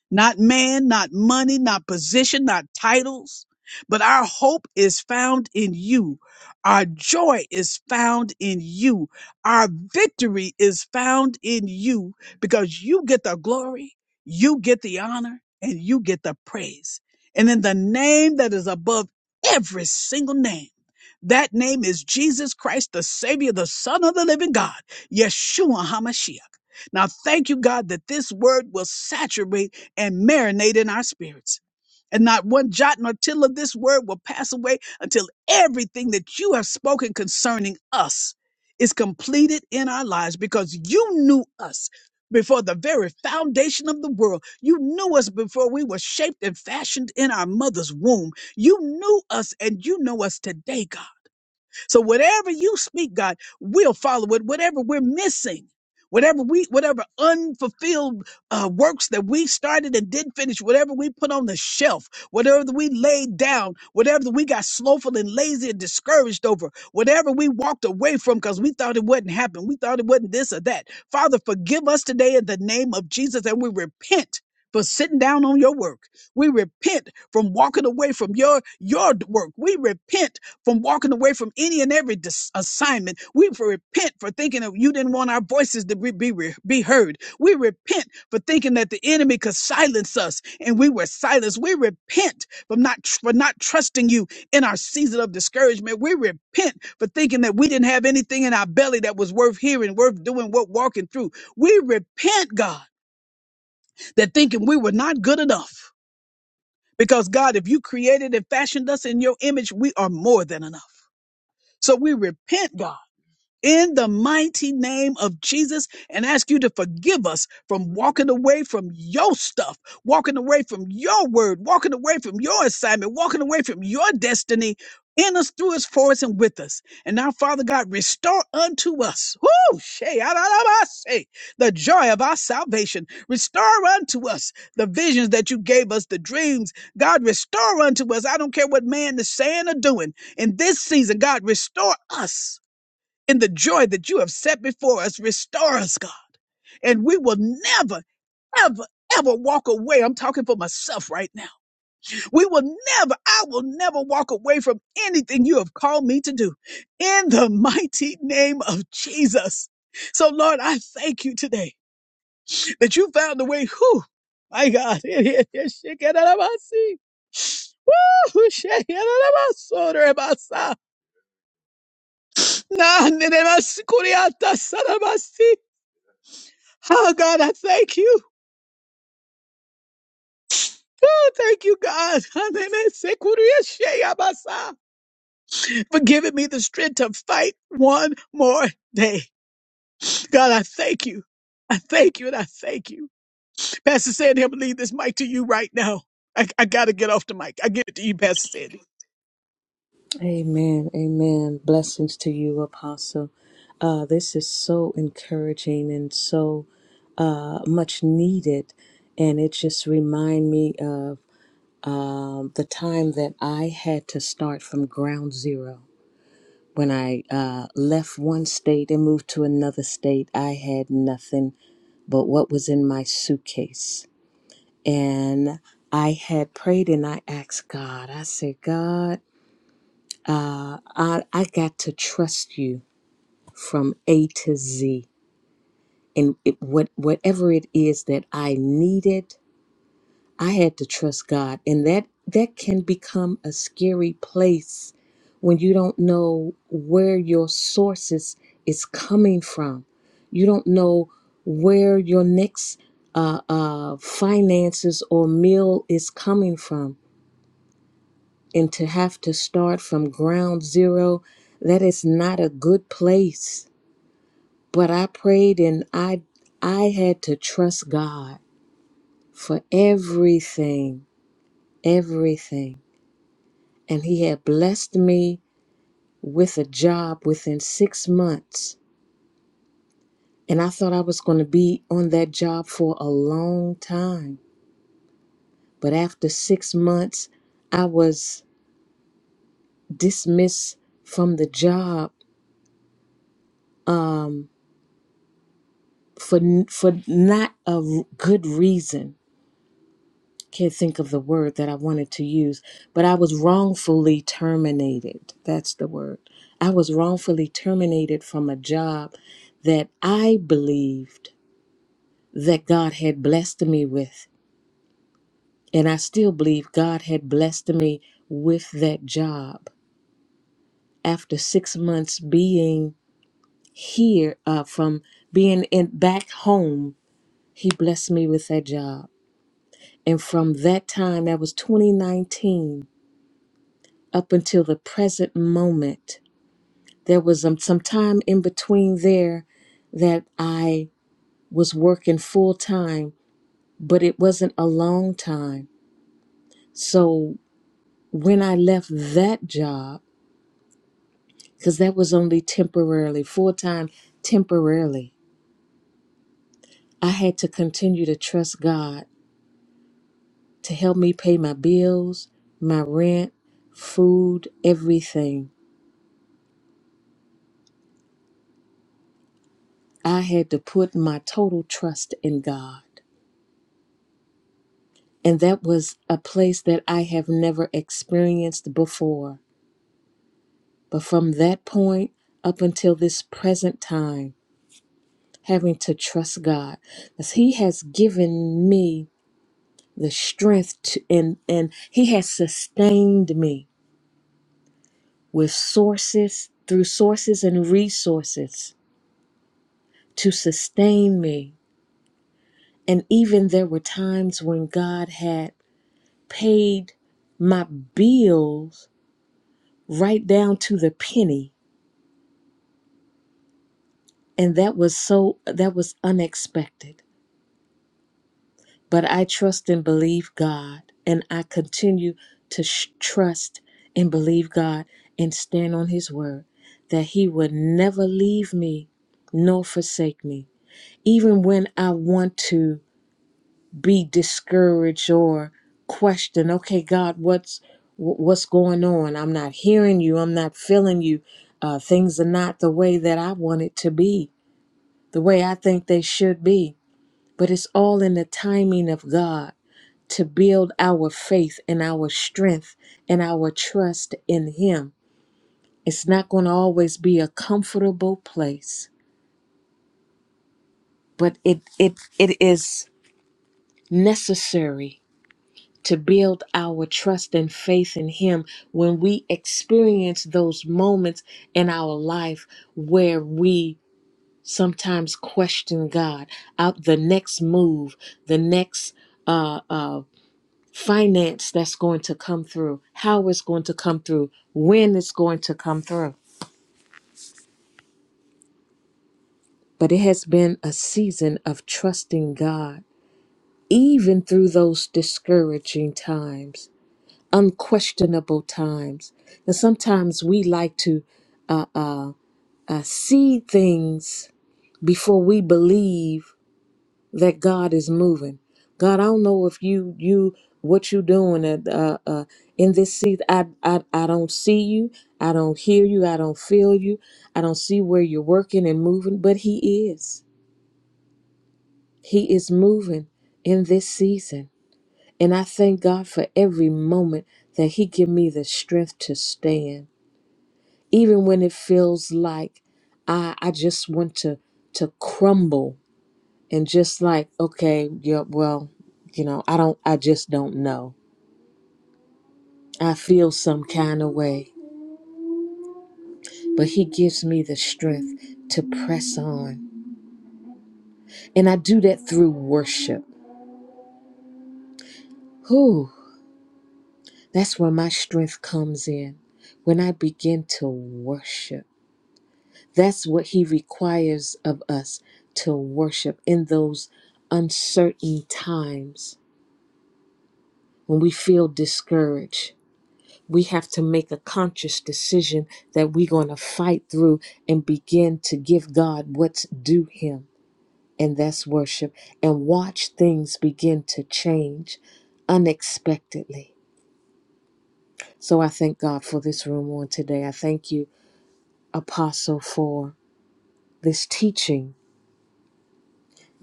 not man, not money, not position, not titles, but our hope is found in you. Our joy is found in you. Our victory is found in you because you get the glory, you get the honor, and you get the praise. And in the name that is above every single name. That name is Jesus Christ, the Savior, the Son of the living God, Yeshua HaMashiach. Now, thank you, God, that this word will saturate and marinate in our spirits. And not one jot nor tittle of this word will pass away until everything that you have spoken concerning us is completed in our lives because you knew us before the very foundation of the world. You knew us before we were shaped and fashioned in our mother's womb. You knew us and you know us today, God. So whatever you speak, God, we'll follow it. Whatever we're missing, whatever we, whatever unfulfilled uh, works that we started and didn't finish, whatever we put on the shelf, whatever that we laid down, whatever that we got slothful and lazy and discouraged over, whatever we walked away from because we thought it wouldn't happen, we thought it wasn't this or that. Father, forgive us today in the name of Jesus, and we repent. For sitting down on your work. We repent from walking away from your your work. We repent from walking away from any and every dis- assignment. We repent for thinking that you didn't want our voices to be, be, be heard. We repent for thinking that the enemy could silence us and we were silenced. We repent from not, for not trusting you in our season of discouragement. We repent for thinking that we didn't have anything in our belly that was worth hearing, worth doing, worth walking through. We repent, God, that thinking we were not good enough. Because God, if you created and fashioned us in your image, we are more than enough. So we repent, God in the mighty name of Jesus and ask you to forgive us from walking away from your stuff, walking away from your word, walking away from your assignment, walking away from your destiny in us, through us, for us, and with us. And now, Father God, restore unto us whoo, shay, ah, ah, ah, ah, shay, the joy of our salvation. Restore unto us the visions that you gave us, the dreams. God, restore unto us. I don't care what man is saying or doing in this season. God, restore us in the joy that you have set before us. Restore us, God. And we will never, ever, ever walk away. I'm talking for myself right now. We will never, I will never walk away from anything you have called me to do in the mighty name of Jesus. So, Lord, I thank you today that you found a way. Whew, my God. Nah, Oh God, I thank you. Oh, thank you, God. Hallelujah. For giving me the strength to fight one more day. God, I thank you. I thank you and I thank you. Pastor Sandy, I'm gonna leave this mic to you right now. I, I gotta get off the mic. I give it to you, Pastor Sandy.
Amen. Amen. Blessings to you, Apostle. Uh, this is so encouraging and so uh, much needed. And it just remind me of um, the time that I had to start from ground zero. When I uh, left one state and moved to another state, I had nothing but what was in my suitcase and I had prayed and I asked God, I said, God, uh, I, I got to trust you from A to Z. And it, what, whatever it is that I needed, I had to trust God. And that, that can become a scary place when you don't know where your sources is coming from. You don't know where your next uh, uh, finances or meal is coming from and to have to start from ground zero that is not a good place but i prayed and i i had to trust god for everything everything and he had blessed me with a job within 6 months and i thought i was going to be on that job for a long time but after 6 months i was dismissed from the job Um. for for not a good reason. Can't think of the word that I wanted to use, but I was wrongfully terminated. That's the word. I was wrongfully terminated from a job that I believed that God had blessed me with, and I still believe God had blessed me with that job. After six months being here, uh, from being in back home, He blessed me with that job And from that time, that was 2019, up until the present moment, there was um, some time in between there that I was working full time, but it wasn't a long time. So when I left that job, because that was only temporarily, full time, temporarily, I had to continue to trust God to help me pay my bills, my rent, food, everything I had to put my total trust in God. And that was a place that I have never experienced before. But from that point up until this present time, having to trust God, because He has given me the strength to, and, and He has sustained me with sources, through sources and resources to sustain me. And even there were times when God had paid my bills right down to the penny and that was so that was unexpected but i trust and believe god and i continue to sh- trust and believe god and stand on his word that he would never leave me nor forsake me even when i want to be discouraged or question okay god what's wh- what's going on i'm not hearing you i'm not feeling you uh, things are not the way that i want it to be the way i think they should be but it's all in the timing of god to build our faith and our strength and our trust in him it's not going to always be a comfortable place but it it it is necessary to build our trust and faith in Him when we experience those moments in our life where we sometimes question God out the next move, the next uh, uh, finance that's going to come through, how it's going to come through, when it's going to come through. But it has been a season of trusting God, even through those discouraging times unquestionable times. And sometimes we like to uh, uh, uh, see things before we believe that God is moving. God, I don't know if you you what you doing at, uh, uh, in this seat. I, I I don't see you. I don't hear you. I don't feel you. I don't see where you're working and moving. But He is. He is moving in this season. And I thank God for every moment that He give me the strength to stand, even when it feels like I I just want to to crumble and just like okay, yeah, well, you know, I don't, I just don't know. I feel some kind of way, but He gives me the strength to press on, and I do that through worship. Whew, that's where my strength comes in when I begin to worship. That's what He requires of us to worship in those uncertain times when we feel discouraged. We have to make a conscious decision that we're going to fight through and begin to give God what's due Him, and that's worship, and watch things begin to change unexpectedly. So I thank God for this room on today. I thank you, Apostle, for this teaching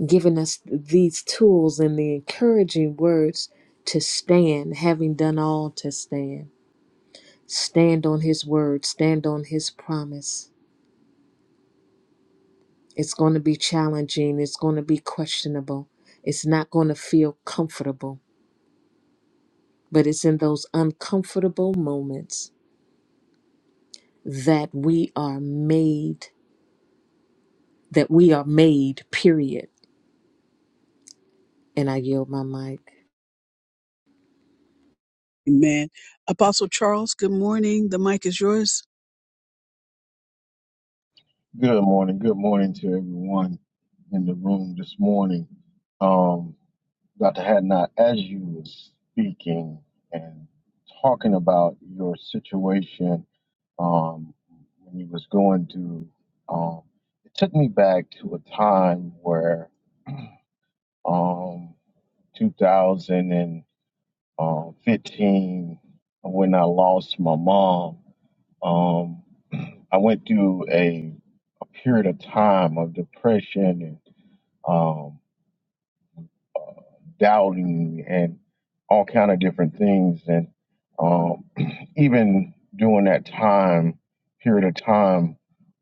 giving us these tools and the encouraging words to stand, having done all to stand. Stand on His word, stand on His promise. It's going to be challenging, it's going to be questionable, it's not going to feel comfortable, but it's in those uncomfortable moments that we are made, that we are made, period. And I yield my mic.
Amen. Apostle Charles, good morning. The mic is yours.
Good morning. Good morning to everyone in the room this morning. Um, Dr. Hadnot, as you were speaking and talking about your situation um, when you was going to. Um, it took me back to a time where um, 2015, when I lost my mom, um, I went through a, a period of time of depression and. um, doubting and all kind of different things and um, even during that time period of time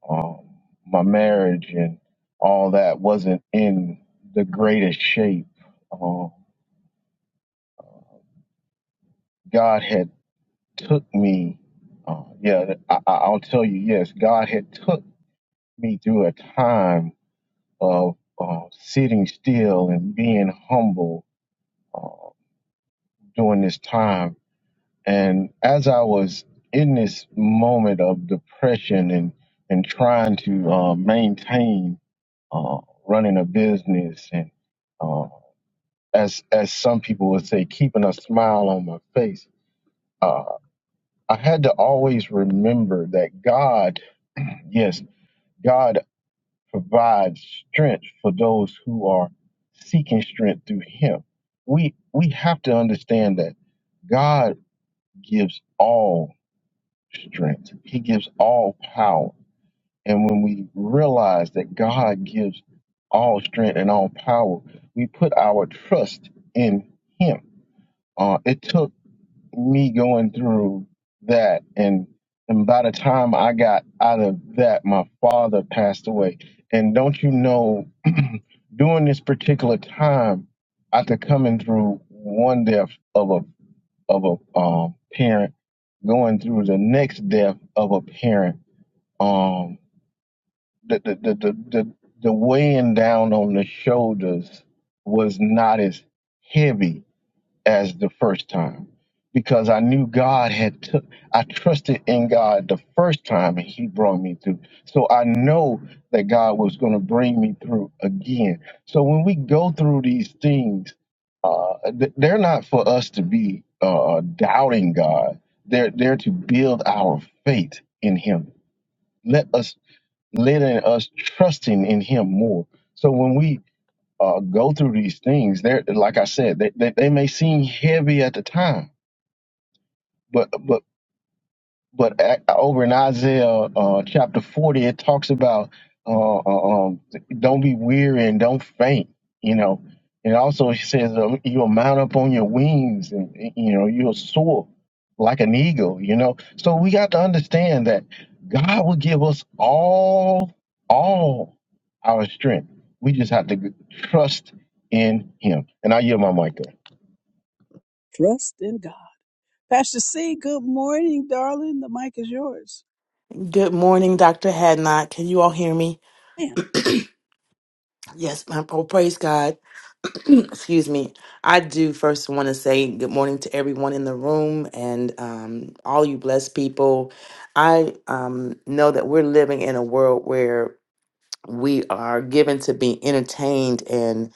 um, my marriage and all that wasn't in the greatest shape uh, god had took me uh, yeah I, I- i'll tell you yes god had took me through a time of uh, sitting still and being humble uh, during this time And as I was in this moment of depression and and trying to uh, maintain uh, running a business and uh, as as some people would say, keeping a smile on my face, uh, I had to always remember that God, yes, God provides strength for those who are seeking strength through Him. We we have to understand that God gives all. strength. He gives all power. And when we realize that God gives all strength and all power, we put our trust in Him. Uh, it took me going through that, and and by the time I got out of that, my father passed away. And don't you know, during this particular time, after coming through one death of a of a um, parent going through the next death of a parent um the the the the, the, the weighing down on the shoulders was not as heavy as the first time because I knew God had took I trusted in God the first time and he brought me through. So I know that God was going to bring me through again. So when we go through these things uh th- they're not for us to be uh doubting God. They're there to build our faith in him. Let us let in us trusting in him more. So when we uh, go through these things. They're like I said, they, they they may seem heavy at the time, but but but a- over in Isaiah uh, chapter 40, it talks about uh, uh, um, don't be weary and don't faint, you know. And also, it says uh, you'll mount up on your wings and, you know, you'll soar like an eagle, you know. So we got to understand that God will give us all, all our strength. We just have to trust in Him. And I yield my mic there.
Trust in God. Pastor C, good morning, darling. The mic is yours.
Good morning, Dr. Hadnot. Can you all hear me? Yes, my oh, praise God. Excuse me. I do first want to say good morning to everyone in the room and um, all you blessed people. I um, know that we're living in a world where we are given to be entertained and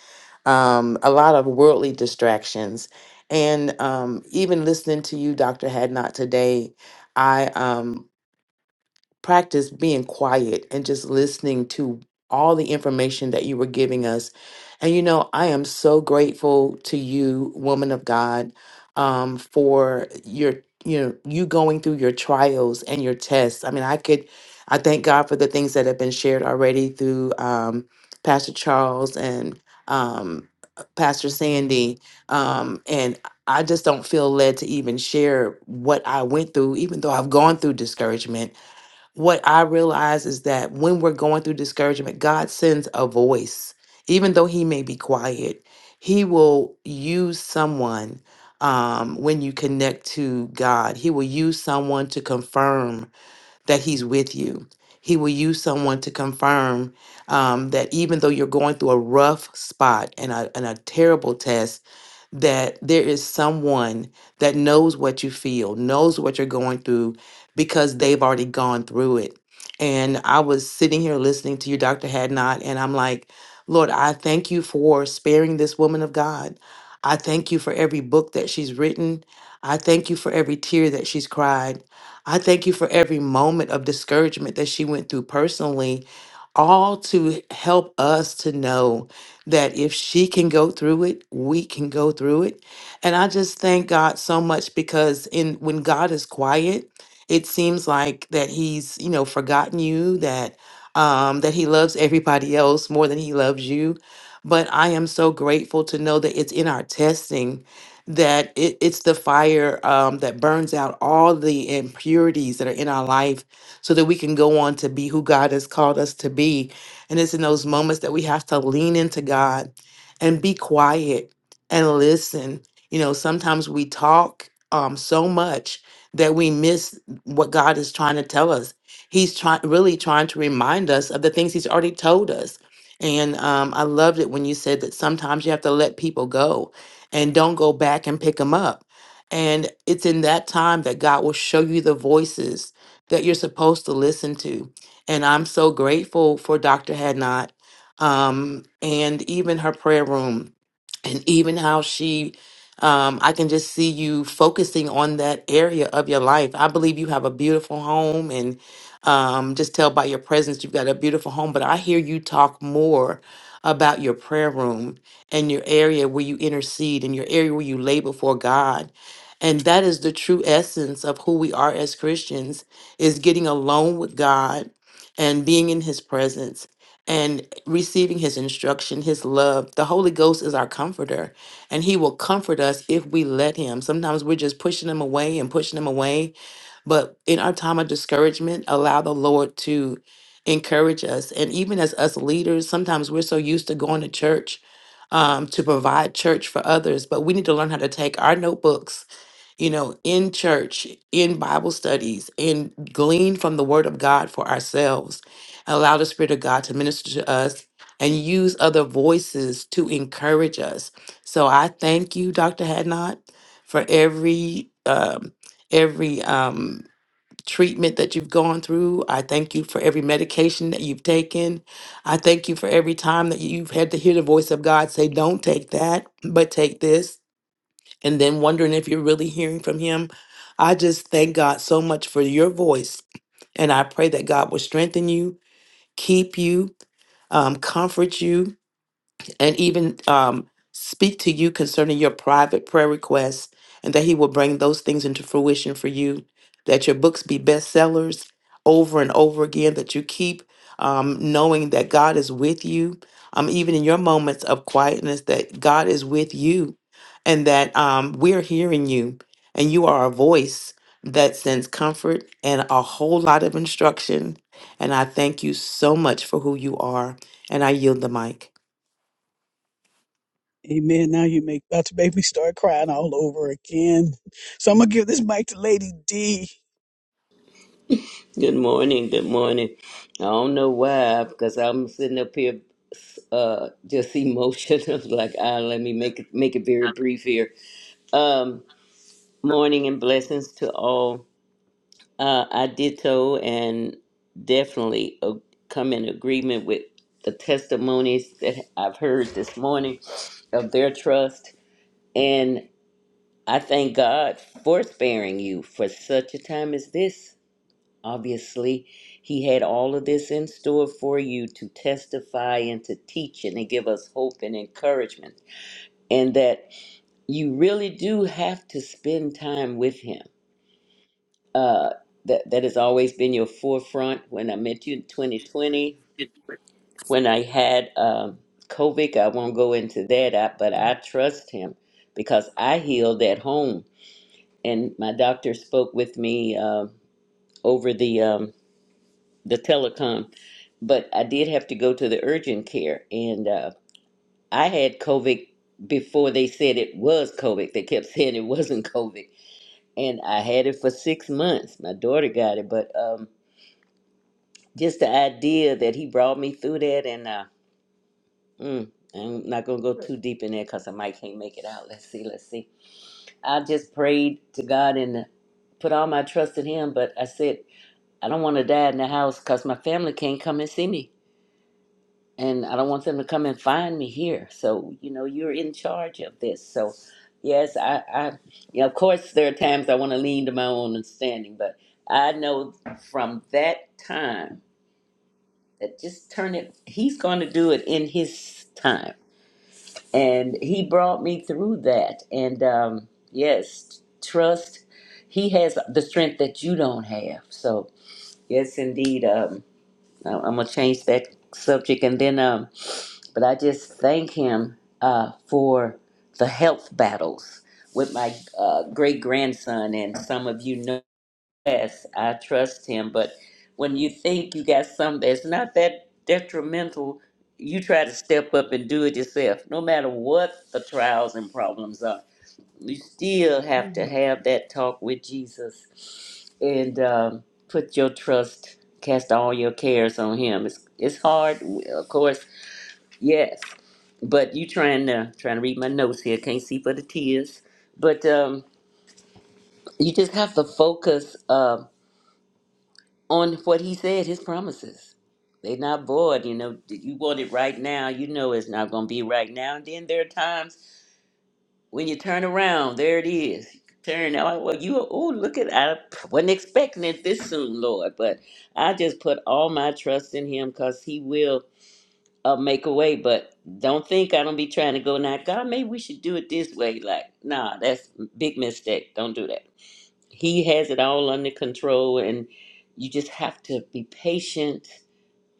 um, a lot of worldly distractions. And um, even listening to you, Dr. Hadnot, today, I um, practice being quiet and just listening to all the information that you were giving us. And you know, I am so grateful to you, woman of God, um, for your you know you going through your trials and your tests. I mean, I could I thank God for the things that have been shared already through um, Pastor Charles and um, Pastor Sandy, um, and I just don't feel led to even share what I went through, even though I've gone through discouragement what I realize is that when we're going through discouragement, God sends a voice, even though He may be quiet. He will use someone um, when you connect to God. He will use someone to confirm that He's with you. He will use someone to confirm um, that even though you're going through a rough spot and a, and a terrible test, that there is someone that knows what you feel, knows what you're going through because they've already gone through it. And I was sitting here listening to you, Dr. Hadnot, and I'm like, Lord, I thank you for sparing this woman of God. I thank you for every book that she's written. I thank you for every tear that she's cried. I thank you for every moment of discouragement that she went through personally, all to help us to know that if she can go through it, we can go through it. And I just thank God so much because in when God is quiet, it seems like that he's, you know, forgotten you, that um that he loves everybody else more than he loves you. But I am so grateful to know that it's in our testing that it, it's the fire um, that burns out all the impurities that are in our life so that we can go on to be who God has called us to be and it's in those moments that we have to lean into God and be quiet and listen. You know, sometimes we talk um, so much that we miss what God is trying to tell us. He's trying, really trying to remind us of the things He's already told us. And um, I loved it when you said that sometimes you have to let people go and don't go back and pick them up. And it's in that time that God will show you the voices that you're supposed to listen to and I'm so grateful for Dr. Hadnot um, and even her prayer room and even how she um i can just see you focusing on that area of your life i believe you have a beautiful home and um just tell by your presence you've got a beautiful home but i hear you talk more about your prayer room and your area where you intercede and your area where you lay before god and that is the true essence of who we are as christians is getting alone with god and being in his presence and receiving his instruction, his love. The Holy Ghost is our comforter, and he will comfort us if we let him. Sometimes we're just pushing him away and pushing him away, but in our time of discouragement, allow the Lord to encourage us. And even as us leaders, sometimes we're so used to going to church um, to provide church for others, but we need to learn how to take our notebooks you know, in church, in Bible studies, and glean from the Word of God for ourselves. Allow the Spirit of God to minister to us and use other voices to encourage us. So I thank you, Dr. Hadnot, for every um, every um, treatment that you've gone through. I thank you for every medication that you've taken. I thank you for every time that you've had to hear the voice of God say, "Don't take that, but take this." and then wondering if you're really hearing from him. I just thank God so much for your voice. And I pray that God will strengthen you, keep you, um, comfort you, and even um, speak to you concerning your private prayer requests, and that He will bring those things into fruition for you. That your books be bestsellers over and over again. That you keep um, knowing that God is with you, um, even in your moments of quietness. That God is with you, and that um, we're hearing you, and you are a voice that sends comfort and a whole lot of instruction. And I thank you so much for who you are, and I yield the mic.
Amen. Now you make Dr. Baby start crying all over again. So I'm gonna give this mic to Lady D.
Good morning. Good morning. I don't know why, because I'm sitting up here, uh, just emotional. like, ah, let me make it make it very brief here. Um, morning and blessings to all. Uh, I ditto and definitely uh, come in agreement with the testimonies that I've heard this morning of their trust, and I thank God for sparing you for such a time as this Obviously, he had all of this in store for you to testify and to teach and to give us hope and encouragement. And that you really do have to spend time with him. Uh, that, that has always been your forefront. When I met you in 2020, when I had um, COVID, I won't go into that, I, but I trust him because I healed at home. And my doctor spoke with me uh, over the. Um, the telecom, but I did have to go to the urgent care, and uh, I had COVID before they said it was COVID. They kept saying it wasn't COVID, and I had it for six months. My daughter got it, but um, just the idea that he brought me through that, and uh, mm, I'm not gonna go too deep in there because I might can't make it out. Let's see, let's see. I just prayed to God and uh, put all my trust in Him, but I said I don't want to die in the house because my family can't come and see me and I don't want them to come and find me here. So you know, you're in charge of this. So yes, I, I you know, of course, there are times I want to lean to my own understanding, but I know from that time that just turn it. He's going to do it in His time, and He brought me through that. And um, yes, trust. He has the strength that you don't have. So yes, indeed. Um, I- I'm gonna change that subject and then um but I just thank him uh for the health battles with my uh great grandson and some of you know yes I trust him but when you think you got something that's not that detrimental you try to step up and do it yourself no matter what the trials and problems are you still have to have that talk with Jesus and um, put your trust, cast all your cares on Him. It's it's hard, of course, yes, but you trying to trying to read my notes here. Can't see for the tears, but um, you just have to focus uh, on what He said, His promises. They're not void, you know. You want it right now, you know it's not going to be right now. And then there are times When you turn around, there it is. Turn out. Well, you. Oh, look at. I wasn't expecting it this soon, Lord. But I just put all my trust in Him because He will uh, make a way. But don't think I don't be trying to go now. God, maybe we should do it this way. Like, nah, that's a big mistake. Don't do that. He has it all under control, and you just have to be patient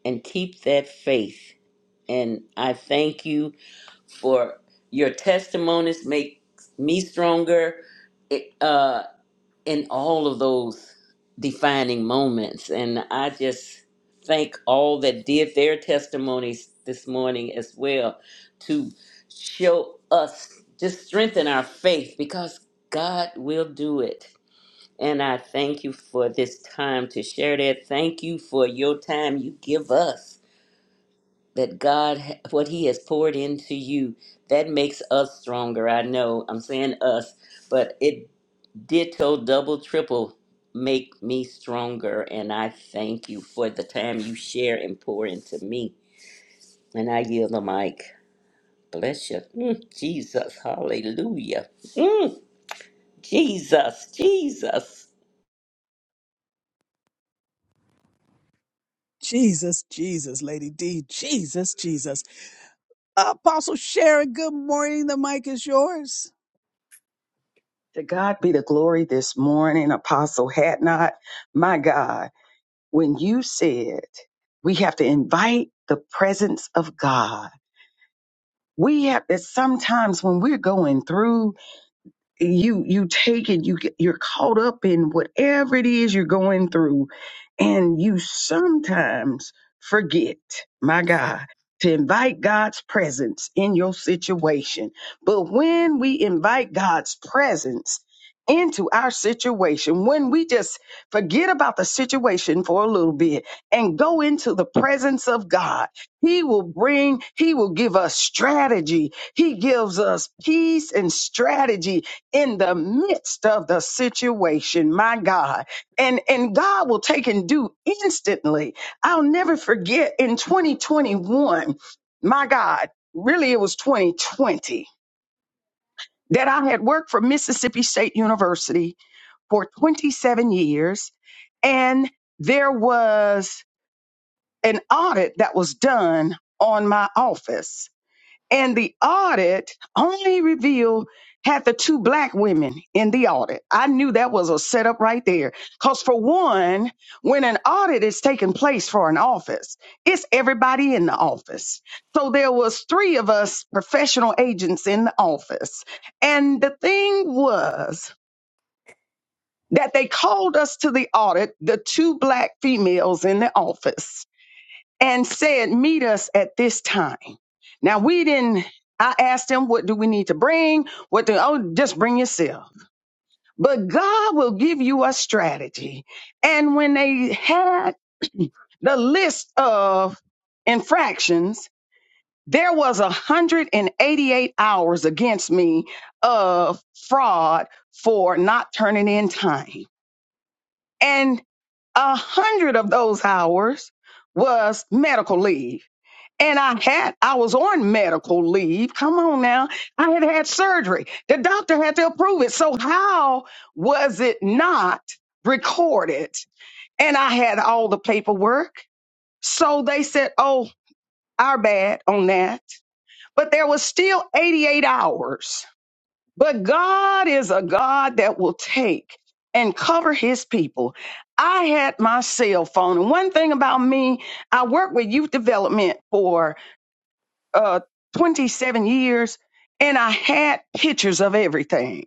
and keep that faith. And I thank you for your testimonies makes me stronger it, uh, in all of those defining moments. And I just thank all that did their testimonies this morning as well to show us, just strengthen our faith because God will do it. And I thank you for this time to share that. Thank you for your time you give us that God, what He has poured into you, that makes us stronger. I know I'm saying us, but it ditto, double, triple make me stronger. And I thank you for the time you share and pour into me. And I yield the mic. Bless you. Mm, Jesus. Hallelujah. Mm, Jesus. Jesus.
Jesus, Jesus, Lady D. Jesus, Jesus. Apostle Sharon, good morning. The mic is yours.
To God be the glory this morning, Apostle Hatnot. My God, when you said we have to invite the presence of God, we have that sometimes when we're going through, you you take it, you get- you're caught up in whatever it is you're going through and you sometimes forget, my God, to invite God's presence in your situation. But when we invite God's presence into our situation, when we just forget about the situation for a little bit and go into the presence of God, He will bring, He will give us strategy. He gives us peace and strategy in the midst of the situation, my God and and God will take and do instantly. I'll never forget in 2021, my God, really it was 2020 that I had worked for Mississippi State University for 27 years and there was an audit that was done on my office and the audit only revealed had the two black women in the audit. I knew that was a setup right there. Because, for one, when an audit is taking place for an office, it's everybody in the office. So there was three of us professional agents in the office. And the thing was that they called us to the audit, the two black females in the office and said, Meet us at this time. Now we didn't, I asked them, What do we need to bring? What do, oh, just bring yourself. But God will give you a strategy. And when they had the list of infractions, there was 188 hours against me of fraud for not turning in time. And a hundred of those hours was medical leave and I had I was on medical leave. Come on now, I had had surgery. The doctor had to approve it. So how was it not recorded? And I had all the paperwork. So they said, "Oh, our bad on that." But there was still 88 hours. But God is a God that will take and cover his people. I had my cell phone. And one thing about me, I worked with youth development for uh, 27 years and I had pictures of everything.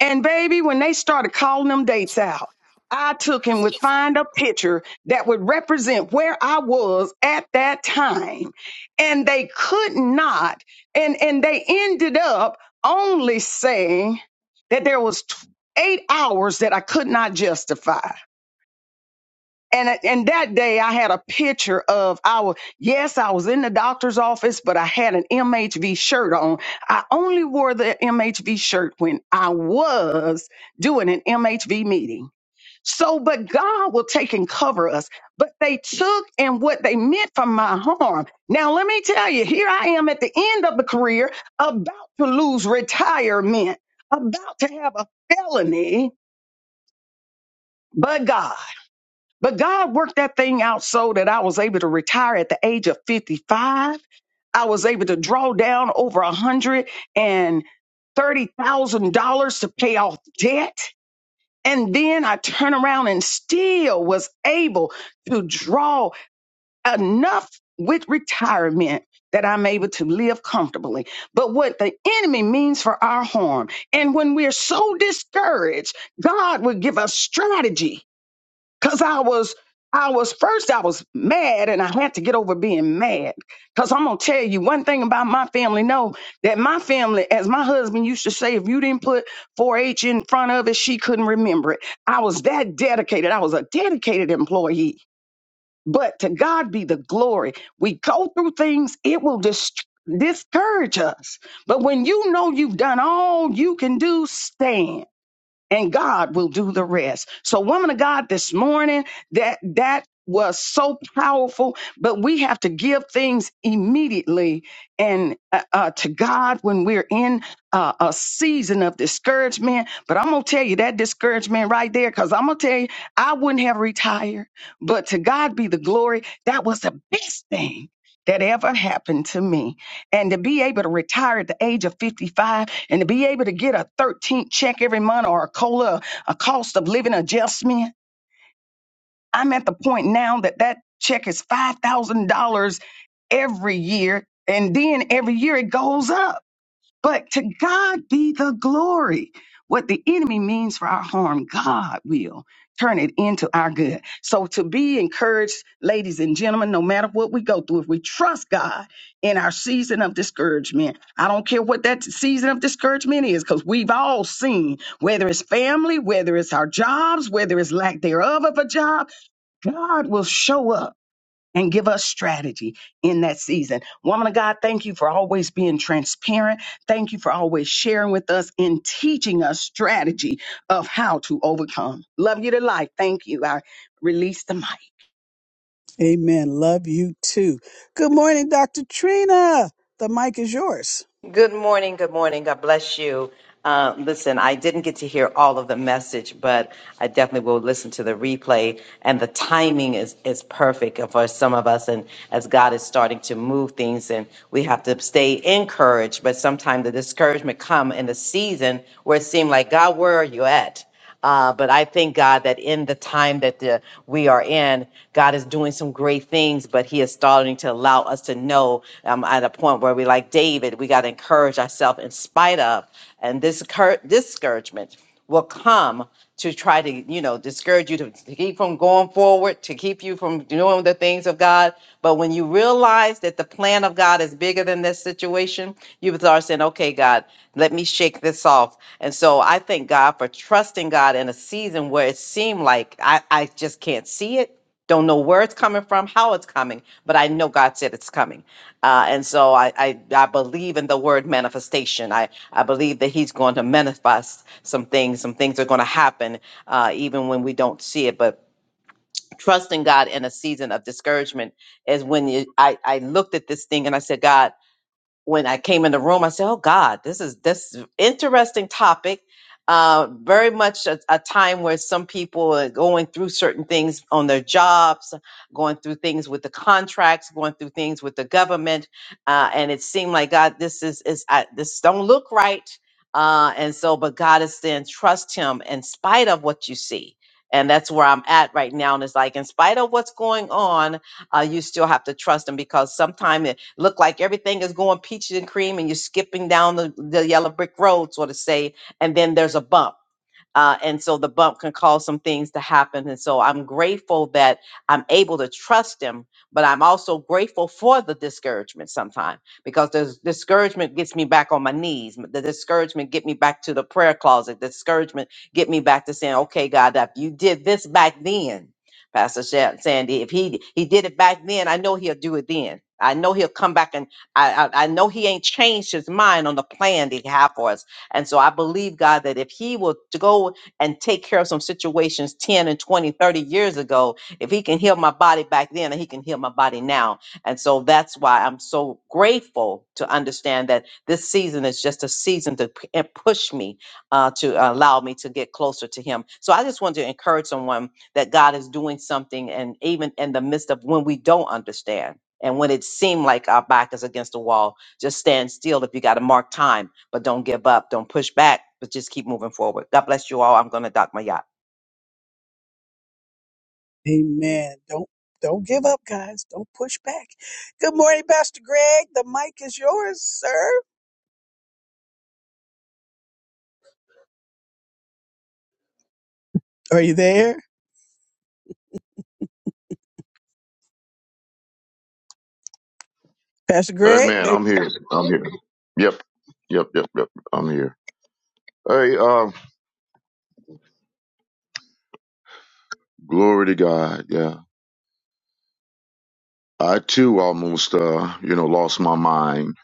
And baby, when they started calling them dates out, I took and would find a picture that would represent where I was at that time. And they could not, and, and they ended up only saying that there was t- eight hours that I could not justify and and that day I had a picture of our yes, I was in the doctor's office, but I had an MHV shirt on. I only wore the MHV shirt when I was doing an MHV meeting. So, but God will take and cover us. But they took and what they meant for my harm. Now, let me tell you, here I am at the end of the career, about to lose retirement, about to have a felony, but God. But God worked that thing out so that I was able to retire at the age of 55. I was able to draw down over a hundred and thirty thousand dollars to pay off debt. And then I turned around and still was able to draw enough with retirement that I'm able to live comfortably. But what the enemy means for our harm, and when we're so discouraged, God will give us strategy Cause I was, I was first, I was mad, and I had to get over being mad. Cause I'm gonna tell you one thing about my family. Know that my family, as my husband used to say, if you didn't put 4-H in front of it, she couldn't remember it. I was that dedicated. I was a dedicated employee. But to God be the glory. We go through things; it will dist- discourage us. But when you know you've done all you can do, stand and God will do the rest. So, woman of God, this morning, that that was so powerful. But we have to give things immediately and uh, uh, to God when we're in uh, a season of discouragement. But I'm gonna tell you that discouragement right there, because I'm gonna tell you, I wouldn't have retired. But to God be the glory. That was the best thing. That ever happened to me. And to be able to retire at the age of 55 and to be able to get a 13th check every month or a cola, a cost of living adjustment. I'm at the point now that that check is $5,000 every year. And then every year it goes up. But to God be the glory. What the enemy means for our harm, God will turn it into our good. So to be encouraged, ladies and gentlemen, no matter what we go through, if we trust God in our season of discouragement, I don't care what that season of discouragement is, because we've all seen, whether it's family, whether it's our jobs, whether it's lack thereof of a job, God will show up and give us strategy in that season. Woman of God, thank you for always being transparent. Thank you for always sharing with us and teaching us strategy of how to overcome. Love you to life. Thank you. I release the mic.
Amen. Love you too. Good morning, Dr. Trina. The mic is yours.
Good morning. Good morning. God bless you. Uh, listen, I didn't get to hear all of the message, but I definitely will listen to the replay. And the timing is, is perfect for some of us. And as God is starting to move things, and we have to stay encouraged. But sometimes the discouragement come in the season where it seemed like, God, where are you at? Uh, but I thank God that in the time that the, we are in, God is doing some great things, but He is starting to allow us to know um, at a point where we, like David, we got to encourage ourselves in spite of. And this cur- discouragement will come to try to, you know, discourage you to, to keep from going forward, to keep you from doing the things of God. But when you realize that the plan of God is bigger than this situation, you start saying, okay, God, let me shake this off. And so I thank God for trusting God in a season where it seemed like I, I just can't see it. Don't know where it's coming from, how it's coming, but I know God said it's coming. Uh, and so I, I, I believe in the word manifestation. I, I believe that He's going to manifest some things. Some things are going to happen uh, even when we don't see it. But trusting God in a season of discouragement is when you, I, I looked at this thing and I said, God, when I came in the room, I said, "Oh God, this is this is interesting topic. Uh, very much a, a time where some people are going through certain things on their jobs, going through things with the contracts, going through things with the government, uh, and it seemed like God, this is is I, this don't look right. Uh, and so, but God is saying, trust Him in spite of what you see." And that's where I'm at right now. And it's like, in spite of what's going on, uh, you still have to trust them because sometimes it look like everything is going peaches and cream and you're skipping down the, the yellow brick road, so to say, and then there's a bump uh, and so the bump can cause some things to happen. And so I'm grateful that I'm able to trust him, but I'm also grateful for the discouragement sometimes because the discouragement gets me back on my knees. The discouragement get me back to the prayer closet. The discouragement get me back to saying, okay, God, if you did this back then, Pastor Sha- Sandy, if he he did it back then, I know he'll do it then. I know he'll come back and I, I I know he ain't changed his mind on the plan that he had for us. And so I believe, God, that if he will to go and take care of some situations 10 and 20, 30 years ago, if he can heal my body back then, he can heal my body now. And so that's why I'm so grateful to understand that this season is just a season to p- and push me uh, to allow me to get closer to him. So I just want to encourage someone that God is doing something, and even in the midst of when we don't understand. And when it seemed like our back is against the wall, just stand still if you got to mark time but don't give up. Don't push back, but just keep moving forward. God bless you all. I'm going to dock my yacht.
Amen. Don't don't give up, guys. Don't push back. Good morning, Pastor Greg. The mic is yours, sir. Are you there? Pastor
Hey
Greg?
man,
There.
I'm here. I'm here. Yep. Yep. Yep. Yep. I'm here. Hey, uh, glory to God. Yeah. I too almost, uh, you know, lost my mind.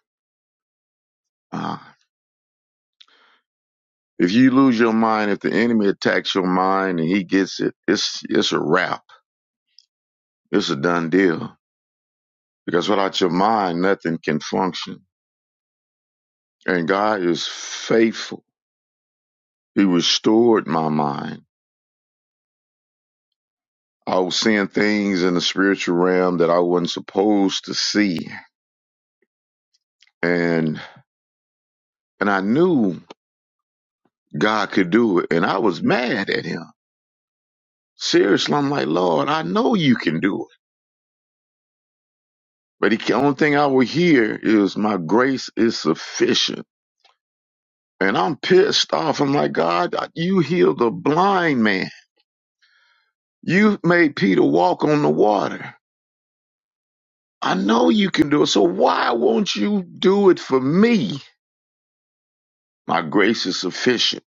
Uh, if you lose your mind, if the enemy attacks your mind and he gets it, it's, it's a wrap. It's a done deal. Because without your mind, nothing can function. And God is faithful. He restored my mind. I was seeing things in the spiritual realm that I wasn't supposed to see. And and I knew God could do it. And I was mad at him. Seriously, I'm like, Lord, I know you can do it. But the only thing I would hear is my grace is sufficient. And I'm pissed off. I'm like, God, you healed a blind man. You made Peter walk on the water. I know you can do it. So why won't you do it for me? My grace is sufficient.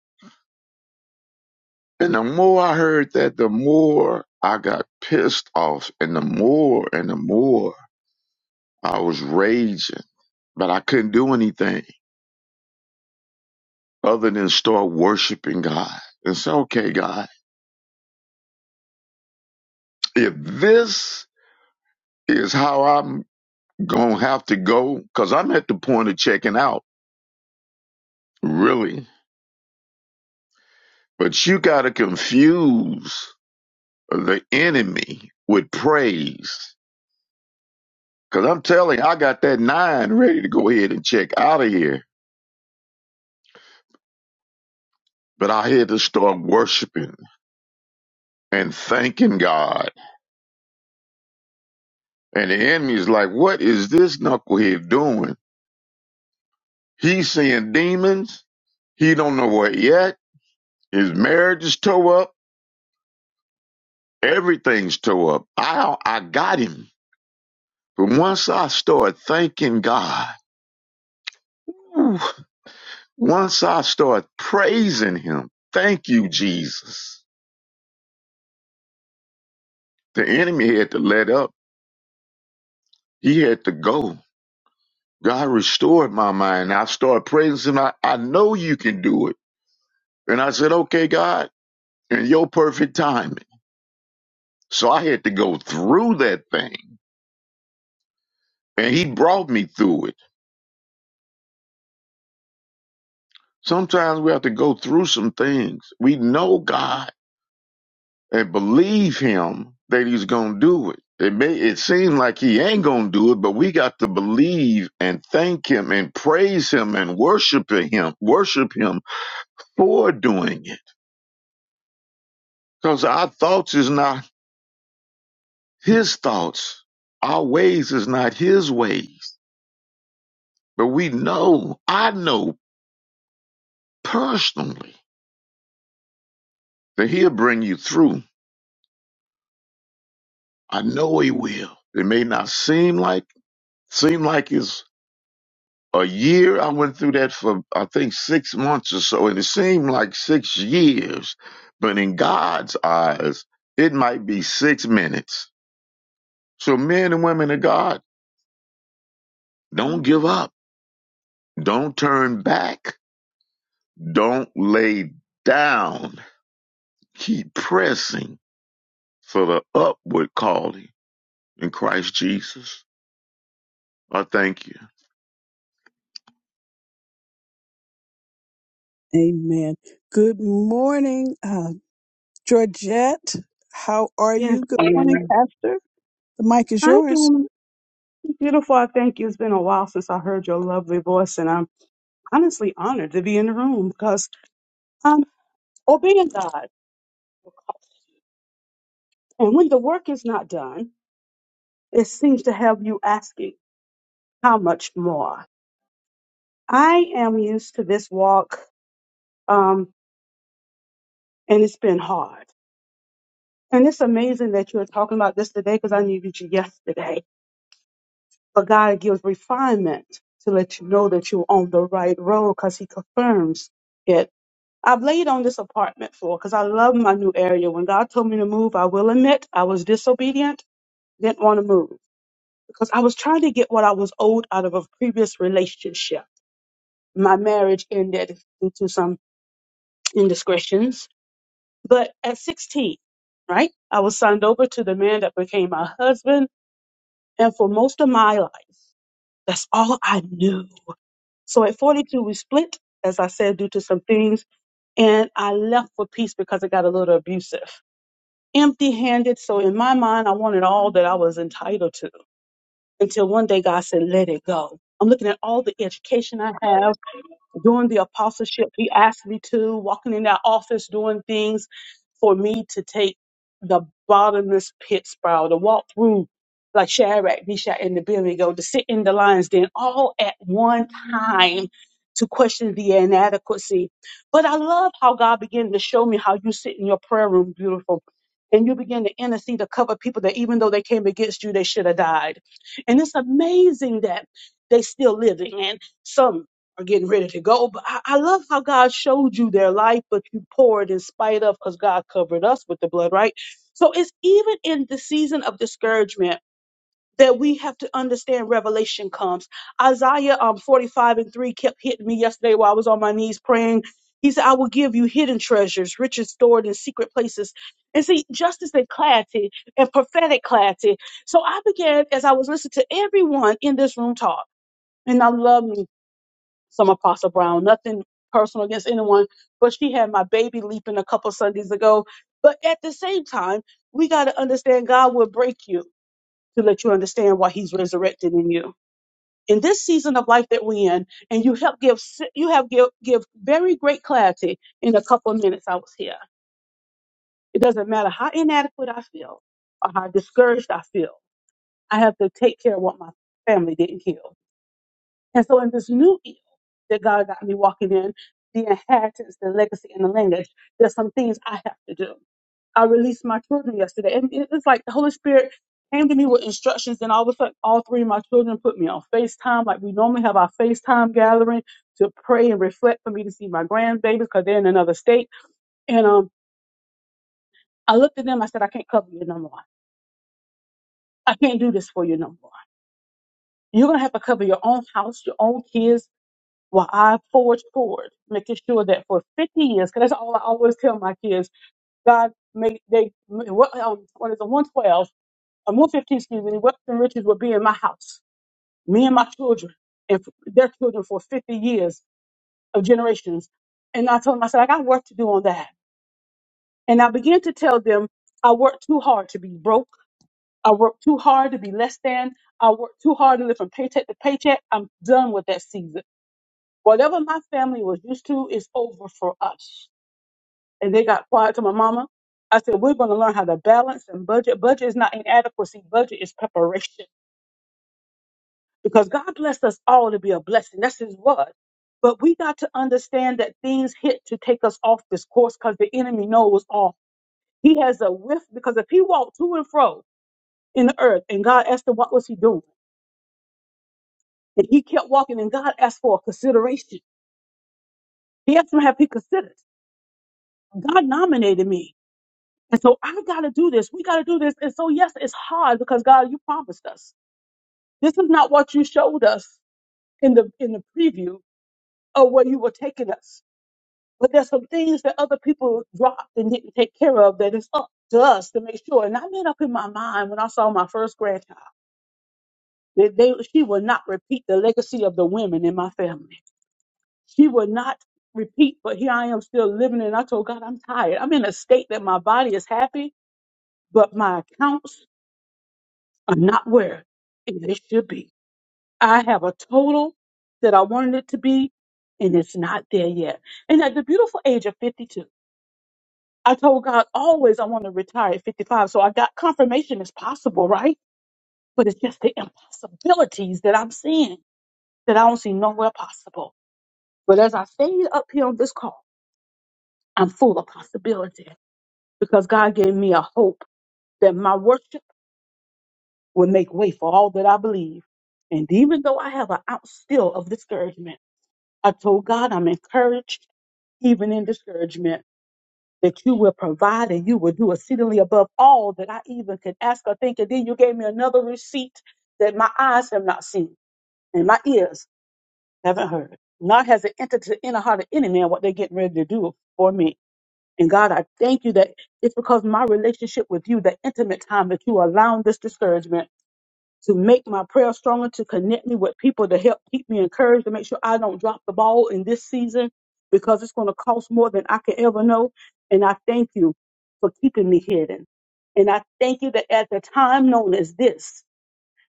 And the more I heard that, the more I got pissed off and the more and the more. I was raging, but I couldn't do anything other than start worshiping God and say, okay, God, if this is how I'm going to have to go, because I'm at the point of checking out, really. But you got to confuse the enemy with praise. Because I'm telling you, I got that nine ready to go ahead and check out of here. But I had to start worshiping and thanking God. And the enemy's like, what is this knucklehead doing? He's seeing demons. He don't know it yet. His marriage is tore up. Everything's tore up. I I got him. But once I start thanking God, ooh, once I start praising Him, thank you, Jesus. The enemy had to let up. He had to go. God restored my mind. I started praising Him. I, I know you can do it. And I said, okay, God, in your perfect timing. So I had to go through that thing. And He brought me through it Sometimes we have to go through some things. We know God and believe Him that He's going to do it. It may it seems like He ain't going to do it, but we got to believe and thank Him and praise Him and worship Him, worship Him for doing it. Because our thoughts is not His thoughts, our ways is not His ways. But we know, I know personally that He'll bring you through. I know He will. It may not seem like Seemed like it's a year. I went through that for I think six months or so, and it seemed like six years. But in God's eyes, it might be six minutes. So men and women of God, don't give up. Don't turn back. Don't lay down. Keep pressing for the upward calling in Christ Jesus. I thank you.
Amen. Good morning, uh, Georgette. How are
Yes,
you? Good morning,
ma'am.
Pastor. The mic is
I
yours.
am beautiful. I thank you. It's been a while since I heard your lovely voice, and I'm honestly honored to be in the room because I'm obeying God. And when the work is not done, it seems to have you asking, how much more? I am used to this walk, um, and it's been hard. And it's amazing that you're talking about this today because I needed you yesterday. But God gives refinement to let you know that you're on the right road because He confirms it I've laid on this apartment floor because I love my new area. When God told me to move, I will admit I was disobedient, didn't want to move because I was trying to get what I was owed out of a previous relationship. My marriage ended due to some indiscretions. But at 16, right, I was signed over to the man that became my husband. And for most of my life, that's all I knew. So at 42, we split, as I said, due to some things. And I left for peace because it got a little abusive empty handed. So in my mind, I wanted all that I was entitled to until one day God said, let it go. I'm looking at all the education I have. Doing the apostleship, he asked me to, walking in that office, doing things for me to take the bottomless pit spiral, to walk through like Shadrach, Meshach, and Abednego, to sit in the lion's den all at one time to question the inadequacy. But I love how God began to show me how you sit in your prayer room, beautiful. And you begin to intercede to cover people that even though they came against you, they should have died. And it's amazing that they still living and some are getting ready to go. But I, I love how God showed you their life, but you poured in spite of because God covered us with the blood, right? So it's even in the season of discouragement that we have to understand revelation comes. Isaiah um 45 and 3 kept hitting me yesterday while I was on my knees praying. He said, I will give you hidden treasures, riches stored in secret places. And see, justice and clarity and prophetic clarity. So I began, as I was listening to everyone in this room talk, and I love me some Apostle Brown. Nothing personal against anyone, but she had my baby leaping a couple Sundays ago. But at the same time, we got to understand God will break you to let you understand why He's resurrected in you. In this season of life that we're in, and you help give si- you have give, give very great clarity in a couple of minutes. I was here. It doesn't matter how inadequate I feel or how discouraged I feel. I have to take care of what my family didn't heal. And so in this new field that God got me walking in, the inheritance, the legacy, and the lineage, there's some things I have to do. I released my children yesterday. And it was like the Holy Spirit came to me with instructions, and all of a sudden, all three of my children put me on FaceTime. Like we normally have our FaceTime gathering to pray and reflect for me to see my grandbabies because they're in another state. And um, I looked at them, I said, I can't cover you no more. I can't do this for you no more. You're going to have to cover your own house, your own kids, while I forge forward, making sure that for 50 years, because that's all I always tell my kids, God make they what um, what is it, 112 or 115, excuse me, wealth and riches will be in my house, me and my children, and f- their children for 50 years of generations. And I told them, I said, I got work to do on that. And I began to tell them, I worked too hard to be broke. I worked too hard to be less than. I worked too hard to live from paycheck to paycheck. I'm done with that season. Whatever my family was used to is over for us. And they got quiet to my mama. I said, we're going to learn how to balance and budget. Budget is not inadequacy. Budget is preparation because God blessed us all to be a blessing. That's his word. But we got to understand that things hit to take us off this course because the enemy knows all. He has a whiff because if he walked to and fro in the earth and God asked him, what was he doing? And he kept walking and God asked for a consideration. He asked him, have he considered? God nominated me. And so I gotta do this. We gotta do this. And so yes, it's hard because God, you promised us. This is not what you showed us in the in the preview of where you were taking us. But there's some things that other people dropped and didn't take care of that it's up to us to make sure. And I made up in my mind when I saw my first grandchild that they she will not repeat the legacy of the women in my family. She will not repeat, but here I am still living and I told God I'm tired. I'm in a state that my body is happy, but my accounts are not where they should be. I have a total that I wanted it to be, and it's not there yet. And at the beautiful age of 52, I told God always I want to retire at 55. So I got confirmation it's possible, right? But it's just the impossibilities that I'm seeing that I don't see nowhere possible. But as I stayed up here on this call, I'm full of possibility because God gave me a hope that my worship will make way for all that I believe. And even though I have an ounce still of discouragement, I told God I'm encouraged, even in discouragement, that you will provide and you will do exceedingly above all that I even could ask or think. And then you gave me another receipt that my eyes have not seen and my ears haven't heard. Not has it entered to the inner heart of any man what they're getting ready to do for me. And God, I thank you that it's because my relationship with you, the intimate time that you allowing this discouragement to make my prayer stronger, to connect me with people to help keep me encouraged, to make sure I don't drop the ball in this season because it's going to cost more than I can ever know. And I thank you for keeping me hidden. And I thank you that at the time known as this,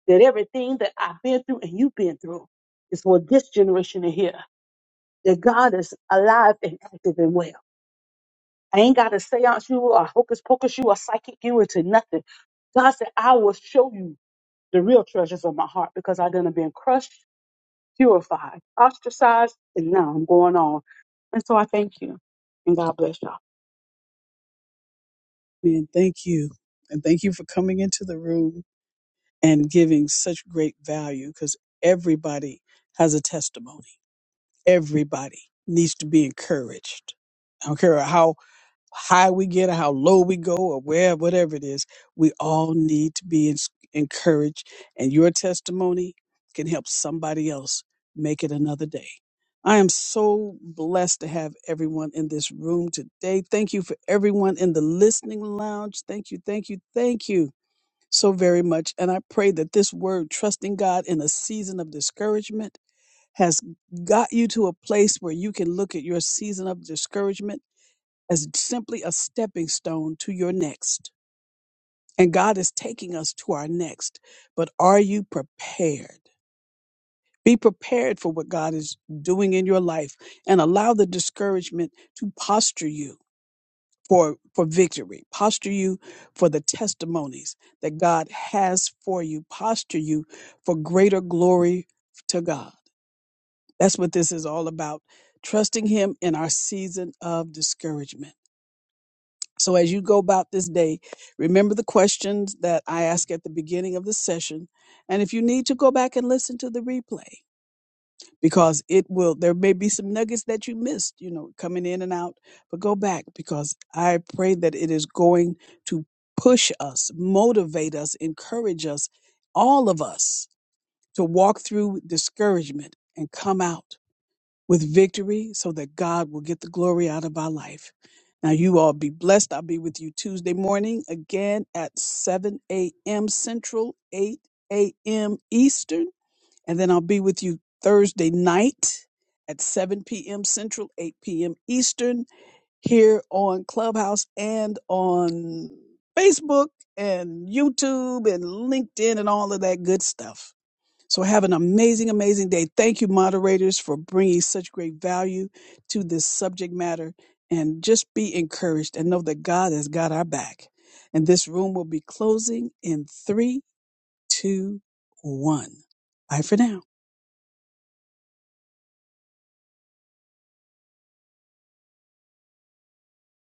that everything that I've been through and you've been through is for this generation to hear that God is alive and active and well. I ain't got to seance you or hocus pocus you or psychic you into nothing. God said, I will show you the real treasures of my heart because I done have been crushed, purified, ostracized, and now I'm going on. And so I thank you. And God bless you.
And thank you. And thank you for coming into the room and giving such great value because everybody has a testimony. Everybody needs to be encouraged. I don't care how high we get or how low we go or where whatever it is we all need to be ens- encouraged and your testimony can help somebody else make it another day i am so blessed to have everyone in this room today thank you for everyone in the listening lounge thank you thank you thank you so very much and i pray that this word trusting god in a season of discouragement has got you to a place where you can look at your season of discouragement as simply a stepping stone to your next. And God is taking us to our next. But are you prepared? Be prepared for what God is doing in your life and allow the discouragement to posture you for, for victory, posture you for the testimonies that God has for you, posture you for greater glory to God. That's what this is all about. Trusting Him in our season of discouragement. So as you go about this day, remember the questions that I ask at the beginning of the session. And if you need to go back and listen to the replay, because it will, there may be some nuggets that you missed, you know, coming in and out, but go back because I pray that it is going to push us, motivate us, encourage us, all of us to walk through discouragement and come out with victory so that God will get the glory out of our life. Now, you all be blessed. I'll be with you Tuesday morning again at 7 a.m. Central, 8 a.m. Eastern. And then I'll be with you Thursday night at 7 p.m. Central, 8 p.m. Eastern here on Clubhouse and on Facebook and YouTube and LinkedIn and all of that good stuff. So have an amazing, amazing day. Thank you, moderators, for bringing such great value to this subject matter. And just be encouraged and know that God has got our back. And this room will be closing in three, two, one. Bye for now.